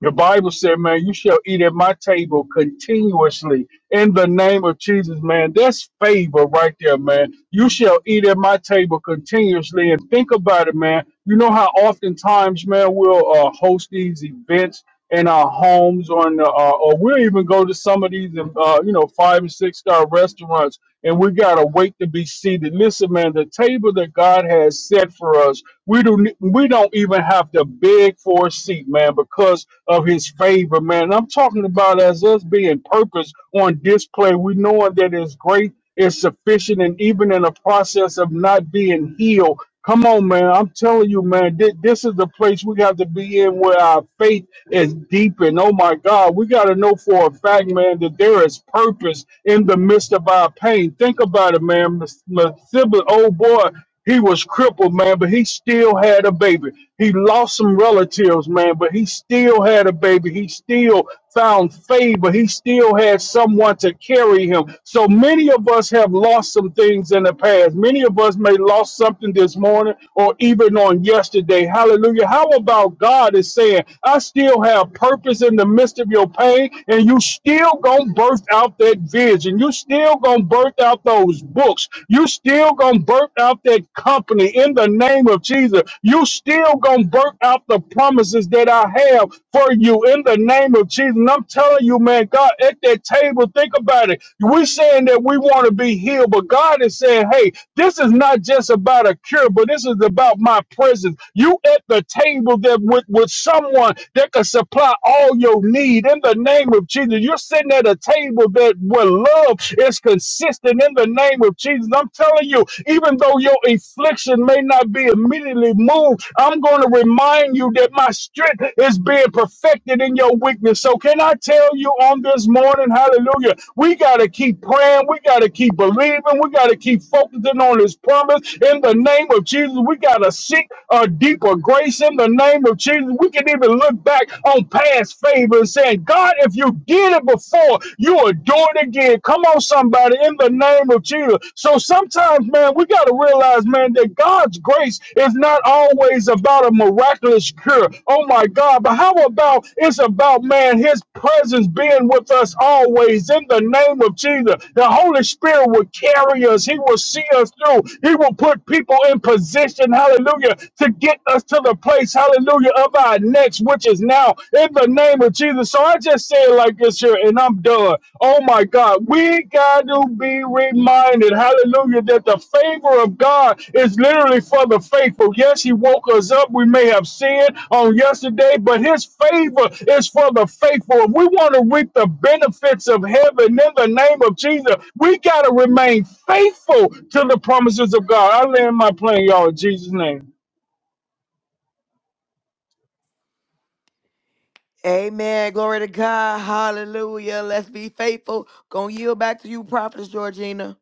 [SPEAKER 1] The Bible said, Man, you shall eat at my table continuously in the name of Jesus, man. That's favor right there, man. You shall eat at my table continuously. And think about it, man. You know how oftentimes, man, we'll uh, host these events in our homes or in the, uh, or we'll even go to some of these, um, uh, you know, five and six star restaurants and we got to wait to be seated. Listen, man, the table that God has set for us, we don't, we don't even have to beg for a seat, man, because of his favor favor, man. I'm talking about as us being purpose on display. We knowing that it's great, it's sufficient, and even in the process of not being healed. Come on, man. I'm telling you, man, thi- this is the place we got to be in where our faith is deepened. Oh, my God. We got to know for a fact, man, that there is purpose in the midst of our pain. Think about it, man. Miss- Miss Sibley, oh, boy. He was crippled, man, but he still had a baby. He lost some relatives, man, but he still had a baby. He still found favor. He still had someone to carry him. So many of us have lost some things in the past. Many of us may lost something this morning or even on yesterday. Hallelujah. How about God is saying, I still have purpose in the midst of your pain, and you still gonna birth out that vision. You still gonna birth out those those books. You still gonna burn out that company in the name of Jesus. You still gonna burn out the promises that I have for you in the name of Jesus. And I'm telling you, man, God, at that table, think about it. We're saying that we want to be healed, but God is saying, hey, this is not just about a cure, but this is about my presence. You at the table that with, with someone that can supply all your need in the name of Jesus. You're sitting at a table people that where love is consistent in the name of Jesus. I'm telling you, even though your affliction may not be immediately moved, I'm going to remind you that my strength is being perfected in your weakness. So, can I tell you on this morning, hallelujah, we got to keep praying, we got to keep believing, we got to keep focusing on His promise in the name of Jesus. We got to seek a deeper grace in the name of Jesus. We can even look back on past favors and saying, God, if you did it before, you will do it again. Come on, somebody, in the name of Jesus. So sometimes, man, we got to realize, man, that God's grace is not always about a miraculous cure. Oh, my God. But how about it's about, man, his presence being with us always in the name of Jesus. The Holy Spirit will carry us, he will see us through, he will put people in position, hallelujah, to get us to the place, hallelujah, of by next, which is now, in the name of Jesus. So I just say it like this here, and I'm done. Oh my God, we got to be reminded, hallelujah, that the favor of God is literally for the faithful. Yes, He woke us up. We may have sinned on yesterday, but His favor is for the faithful. If we want to reap the benefits of heaven in the name of Jesus, we got to remain faithful to the promises of God. I land my plane, y'all, in Jesus' name.
[SPEAKER 2] Amen. Glory to God. Hallelujah. Let's be faithful. Gonna yield back to you, Prophetess Georgina.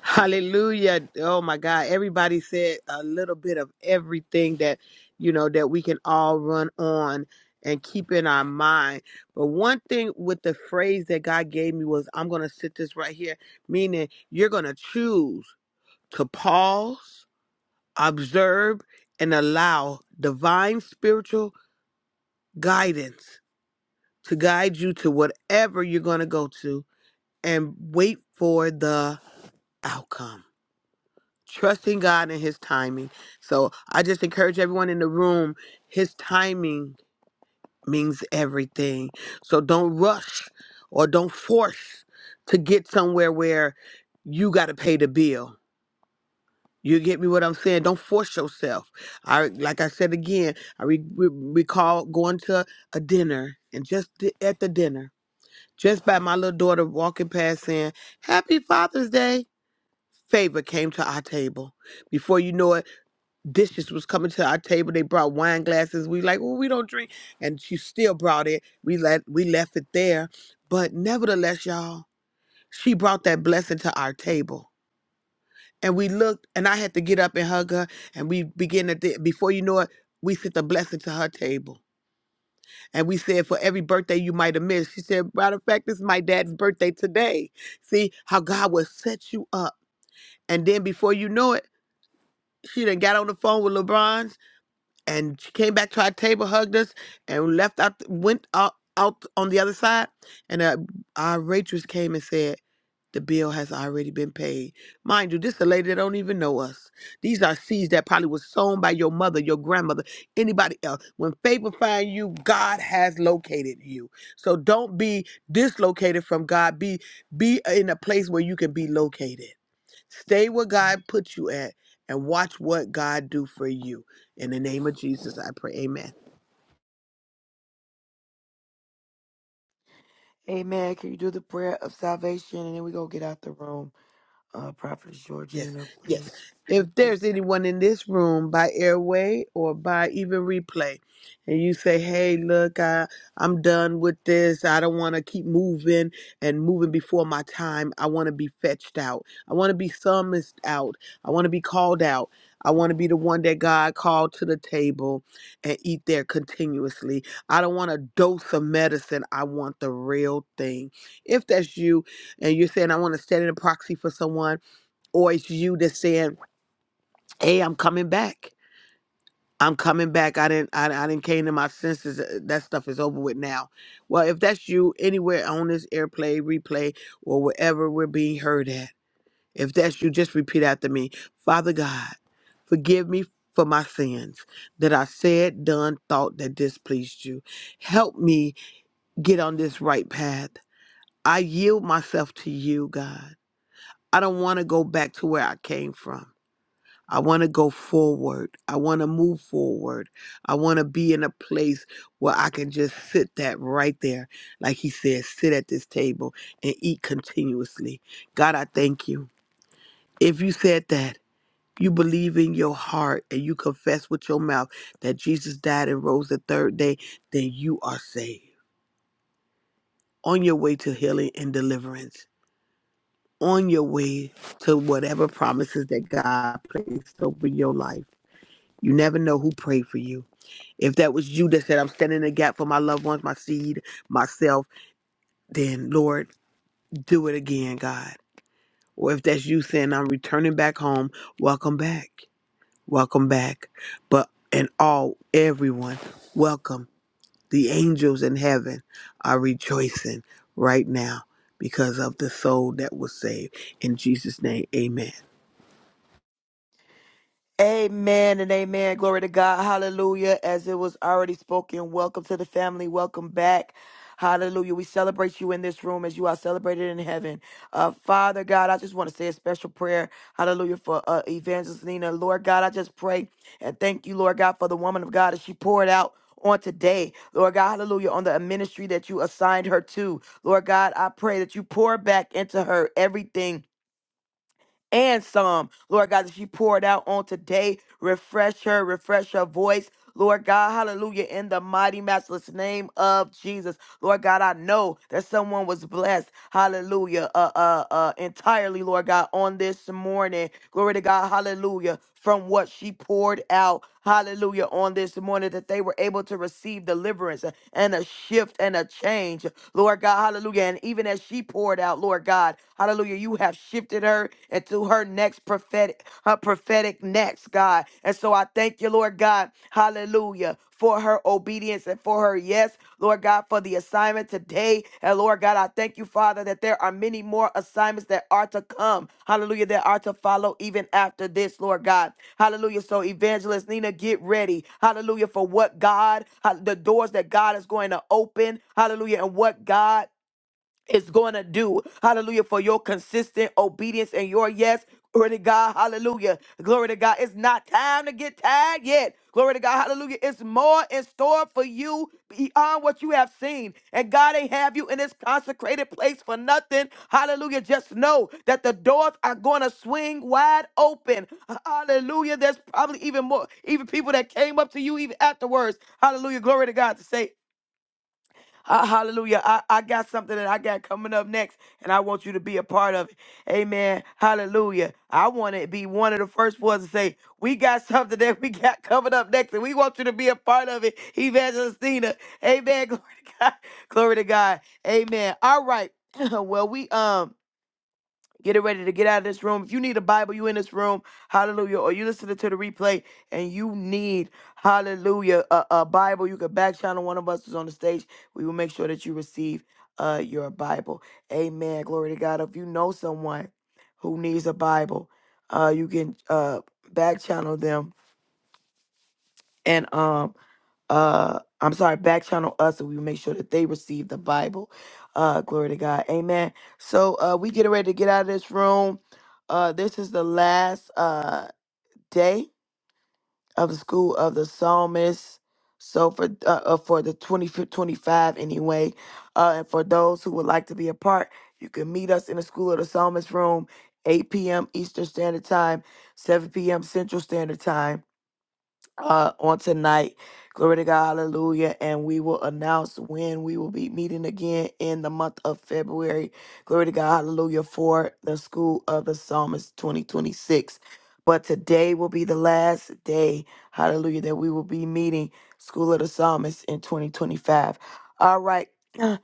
[SPEAKER 3] Hallelujah. Oh my God. Everybody said a little bit of everything that, you know, that we can all run on and keep in our mind. But one thing with the phrase that God gave me was, I'm going to sit this right here, meaning you're going to choose. to pause, observe, and allow divine spiritual guidance to guide you to whatever you're going to go to and wait for the outcome. Trusting God and His timing. So I just encourage everyone in the room, His timing means everything. So don't rush or don't force to get somewhere where you got to pay the bill You get me what I'm saying? Don't force yourself. I like I said again. I re- re- recall going to a dinner and just di- at the dinner, just by my little daughter walking past saying, "Happy Father's Day." Favor came to our table. Before you know it, dishes was coming to our table. They brought wine glasses. We like, well, we don't drink, and she still brought it. We let we left it there, but nevertheless, y'all, she brought that blessing to our table and we looked and i had to get up and hug her and we began to th- before you know it we sent a blessing to her table and we said for every birthday you might have missed she said matter of fact this is my dad's birthday today see how god will set you up and then before you know it she then got on the phone with lebron's and she came back to our table hugged us and left out went out, out on the other side and uh, our waitress came and said the bill has already been paid. Mind you, this is a lady that don't even know us. These are seeds that probably was sown by your mother, your grandmother, anybody else. When favor find you, God has located you. So don't be dislocated from God. Be be in a place where you can be located. Stay where God put you at and watch what God do for you. In the name of Jesus, I pray. Amen.
[SPEAKER 2] Amen. Can you do the prayer of salvation? And then we go get out the room. Uh, Prophetess
[SPEAKER 3] Yes,
[SPEAKER 2] Georgina,
[SPEAKER 3] yes.
[SPEAKER 2] please.
[SPEAKER 3] If there's anyone in this room by airway or by even replay, and you say, "Hey, look, I I'm done with this. I don't want to keep moving and moving before my time. I want to be fetched out. I want to be summoned out. I want to be called out. I want to be the one that God called to the table and eat there continuously. I don't want a dose of medicine. I want the real thing." If that's you, and you're saying, "I want to stand in a proxy for someone," or it's you that's saying, "Hey, I'm coming back. I'm coming back. I didn't. I, I didn't came to my senses. Uh, That stuff is over with now." Well, if that's you anywhere on this airplay, replay, or wherever we're being heard at, if that's you, just repeat after me, Father God, forgive me. For my sins that I said, done, thought that displeased you. Help me get on this right path. I yield myself to you, God. I don't want to go back to where I came from. I want to go forward. I want to move forward. I want to be in a place where I can just sit that right there. Like he said, sit at this table and eat continuously. God, I thank you. If you said that, you believe in your heart and you confess with your mouth that Jesus died and rose the third day, then you are saved. On your way to healing and deliverance, on your way to whatever promises that God placed over your life. You never know who prayed for you. If that was you that said, I'm standing in the gap for my loved ones, my seed, myself, then Lord, do it again, God. Or if that's you saying, I'm returning back home, welcome back. Welcome back. But and all, everyone, welcome. The angels in heaven are rejoicing right now because of the soul that was saved. In Jesus' name, amen.
[SPEAKER 2] Amen and amen. Glory to God. Hallelujah. As it was already spoken, welcome to the family. Welcome back. Hallelujah. We celebrate you in this room as you are celebrated in heaven. Uh, Father God, I just want to say a special prayer. Hallelujah for uh, Evangelist Nina. Lord God, I just pray and thank you, Lord God, for the woman of God as she poured out on today, Lord God, hallelujah, on the uh, ministry that you assigned her to. Lord God, I pray that you pour back into her everything and some. Lord God, that she poured out on today, refresh her, refresh her voice Lord God, hallelujah, in the mighty, matchless name of Jesus. Lord God, I know that someone was blessed, hallelujah, uh, uh, uh, entirely, Lord God, on this morning. Glory to God, hallelujah, from what she poured out, hallelujah, on this morning, that they were able to receive deliverance and a shift and a change, Lord God, hallelujah. And even as she poured out, Lord God, hallelujah, you have shifted her into her her next prophetic her prophetic next, God. And so I thank you, Lord God. Hallelujah. For her obedience and for her yes, Lord God, for the assignment today. And Lord God, I thank you, Father, that there are many more assignments that are to come. Hallelujah, that are to follow even after this, Lord God. Hallelujah. So, Evangelist Nina, get ready. Hallelujah, for what God, the doors that God is going to open. Hallelujah, and what God is going to do. Hallelujah. For your consistent obedience and your yes. Glory to God. Hallelujah. Glory to God. It's not time to get tired yet. Glory to God. Hallelujah. It's more in store for you beyond what you have seen. And God ain't have you in this consecrated place for nothing. Hallelujah. Just know that the doors are going to swing wide open. Hallelujah. There's probably even more, even people that came up to you even afterwards. Hallelujah. Glory to God to say, Ha- Hallelujah. I, I got something that I got coming up next, and I want you to be a part of it. Amen. Hallelujah. I want to be one of the first ones to say, We got something that we got coming up next, and we want you to be a part of it. Evangelistina. Amen. Glory to God. Glory to God. Amen. All right. well, we um getting ready to get out of this room. If you need a Bible, you in this room, hallelujah, or you listening to the replay and you need, hallelujah, a, a Bible, you can back channel one of us who's on the stage. We will make sure that you receive uh, your Bible. Amen. Glory to God. If you know someone who needs a Bible, uh, you can uh, back channel them. And um, uh I'm sorry, back channel us and we make sure that they receive the Bible. Uh glory to God. Amen. So uh we get ready to get out of this room. Uh this is the last uh day of the school of the psalmist. So for uh, uh, for the 20 25 anyway. Uh and for those who would like to be a part, you can meet us in the school of the psalmist room 8 p.m. Eastern Standard Time, 7 p.m. Central Standard Time uh, on tonight. Glory to God, hallelujah. And we will announce when we will be meeting again in the month of February. Glory to God, hallelujah, for the School of the Psalmist 2026. But today will be the last day, hallelujah, that we will be meeting School of the Psalmist in 2025. All right.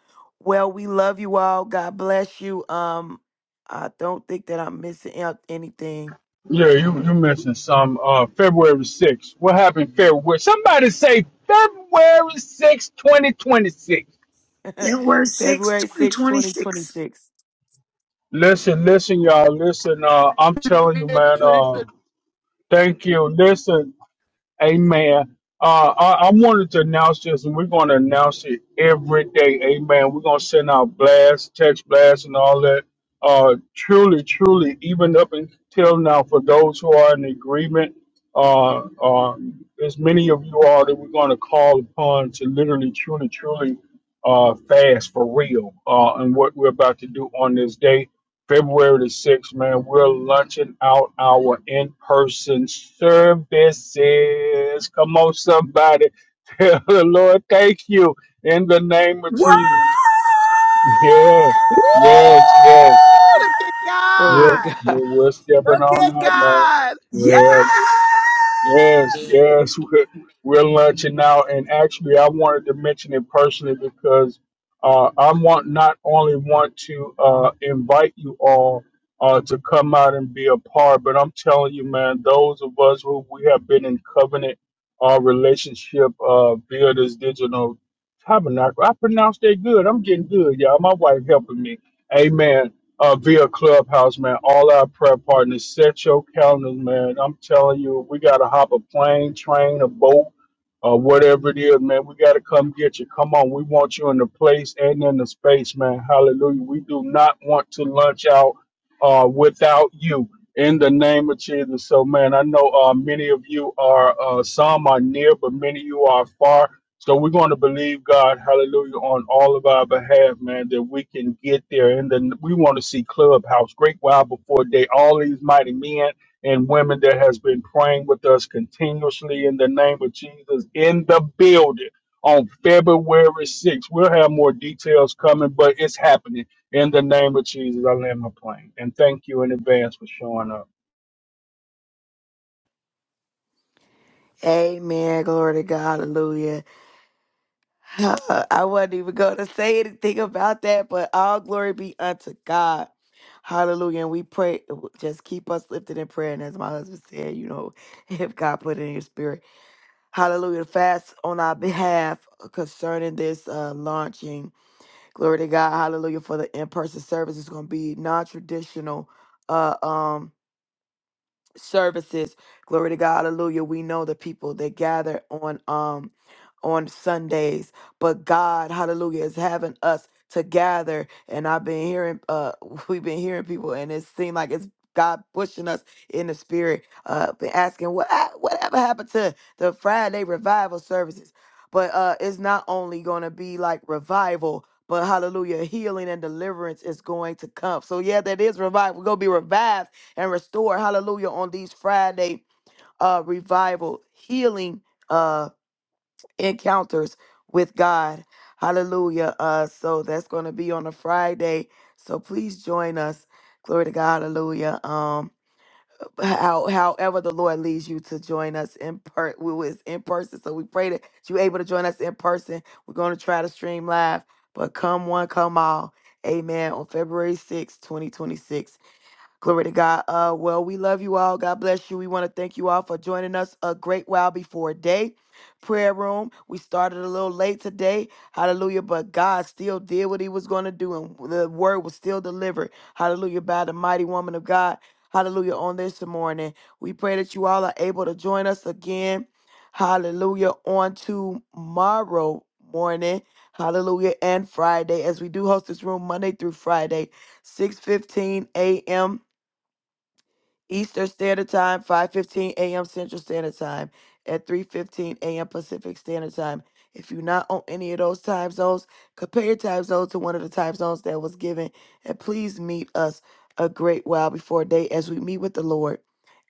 [SPEAKER 2] Well, we love you all. God bless you. Um, I don't think that I'm missing out anything.
[SPEAKER 1] Yeah, you you mentioned some uh February 6th. What happened February? Somebody say February 6th, 2026.
[SPEAKER 6] That word six,
[SPEAKER 2] February
[SPEAKER 6] twenty
[SPEAKER 2] sixth,
[SPEAKER 6] twenty six.
[SPEAKER 2] 2026.
[SPEAKER 1] Listen, listen, y'all. Listen, uh, I'm
[SPEAKER 3] Woo!
[SPEAKER 1] telling you, man, uh, thank you. Listen, Amen. Uh, I, I wanted to announce this, and we're going to announce it every day. Amen. We're going to send out blasts, text blasts, and all that. Uh, truly, truly, even up until now, for those who are in agreement, uh, uh, as many of you are that we're going to call upon to literally, truly, truly uh, fast for real uh, and what we're about to do on this day February the 6th, man, we're launching out our in person services. Come on, somebody. Tell the Lord, thank you in the name of
[SPEAKER 6] What?
[SPEAKER 1] Jesus. Yeah, yes, yes.
[SPEAKER 3] Look at
[SPEAKER 2] Glory to
[SPEAKER 1] We're,
[SPEAKER 3] God.
[SPEAKER 2] God.
[SPEAKER 1] we're, we're stepping
[SPEAKER 3] Look
[SPEAKER 1] on
[SPEAKER 3] at
[SPEAKER 1] out, man.
[SPEAKER 3] God.
[SPEAKER 6] Yeah!
[SPEAKER 1] Yeah, Yes, yes, we're, we're launching now, and actually, I wanted to mention it personally because uh, I want not only want to uh, invite you all uh, to come out and be a part, but I'm telling you, man, those of us who we have been in covenant uh, relationship uh, via this digital tabernacle, I pronounced that good. I'm getting good, y'all. My wife helping me. Amen uh, via Clubhouse, man. All our prayer partners, set your calendars, man. I'm telling you, we got to hop a plane, train, a boat, uh, whatever it is, man. We got to come get you. Come on. We want you in the place and in the space, man. Hallelujah. We do not want to lunch out uh, without you. In the name of Jesus. So, man, I know uh, many of you are, uh, some are near, but many of you are far. So we're going to believe God, hallelujah, on all of our behalf, man, that we can get there. And then we want to see Clubhouse, Great While Before Day, all these mighty men and women that has been praying with us continuously in the name of Jesus in the building on February 6th. We'll have more details coming, but it's happening in the name of Jesus. I land my plane. And thank you in advance for showing up.
[SPEAKER 2] Amen. Glory to God. Hallelujah. Uh, I wasn't even going to say anything about that, but all glory be unto God. Hallelujah. And we pray, just keep us lifted in prayer. And as my husband said, you know, if God put it in your spirit, hallelujah, fast on our behalf concerning this uh, launching. Glory to God. Hallelujah. For the in person service, it's going to be non traditional. Uh, um, services. Glory to God. Hallelujah. We know the people that gather on um on Sundays, but God, hallelujah, is having us to gather. And I've been hearing uh we've been hearing people and it seemed like it's God pushing us in the spirit, uh been asking what ah, whatever happened to the Friday revival services. But uh it's not only gonna be like revival but hallelujah, healing and deliverance is going to come. So, yeah, that is revival. We're going to be revived and restore, hallelujah, on these Friday uh, revival healing uh, encounters with God. Hallelujah. Uh, so that's going to be on a Friday. So please join us. Glory to God. Hallelujah. Um, how, however the Lord leads you to join us in per we was in person. So we pray that you're able to join us in person. We're going to try to stream live, but come one, come all. Amen. On February sixth, 2026. Glory to God. Uh, well, we love you all. God bless you. We want to thank you all for joining us a great while before day. Prayer room. We started a little late today. Hallelujah. But God still did what he was going to do, and the word was still delivered. Hallelujah. By the mighty woman of God. Hallelujah. On this morning, we pray that you all are able to join us again. Hallelujah. On tomorrow morning. Hallelujah. And Friday, as we do host this room Monday through Friday, 6 15 a.m. Eastern Standard Time, 5:15 a.m. Central Standard Time, at 3:15 a.m. Pacific Standard Time. If you're not on any of those time zones, compare your time zone to one of the time zones that was given, and please meet us a great while before day as we meet with the Lord,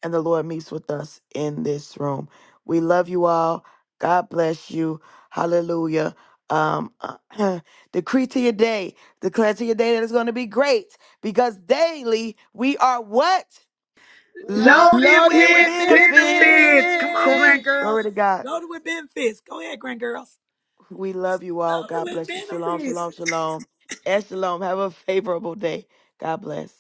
[SPEAKER 2] and the Lord meets with us in this room. We love you all. God bless you. Hallelujah. Um, decree to your day, declare to your day that it's going to be great because daily we are what? loaded
[SPEAKER 6] Loaded
[SPEAKER 3] Loaded
[SPEAKER 2] with
[SPEAKER 6] with
[SPEAKER 3] with
[SPEAKER 6] benefits. Come
[SPEAKER 2] benefits.
[SPEAKER 6] on,
[SPEAKER 3] benefits.
[SPEAKER 6] grand
[SPEAKER 2] Glory
[SPEAKER 6] girls.
[SPEAKER 2] to God.
[SPEAKER 6] Loaded with benefits. Go ahead, grand girls.
[SPEAKER 2] We love you all.
[SPEAKER 6] Loaded
[SPEAKER 2] God
[SPEAKER 6] with
[SPEAKER 2] bless you. Shalom,
[SPEAKER 6] benefits.
[SPEAKER 2] shalom, shalom. And shalom. Have a favorable day. God bless.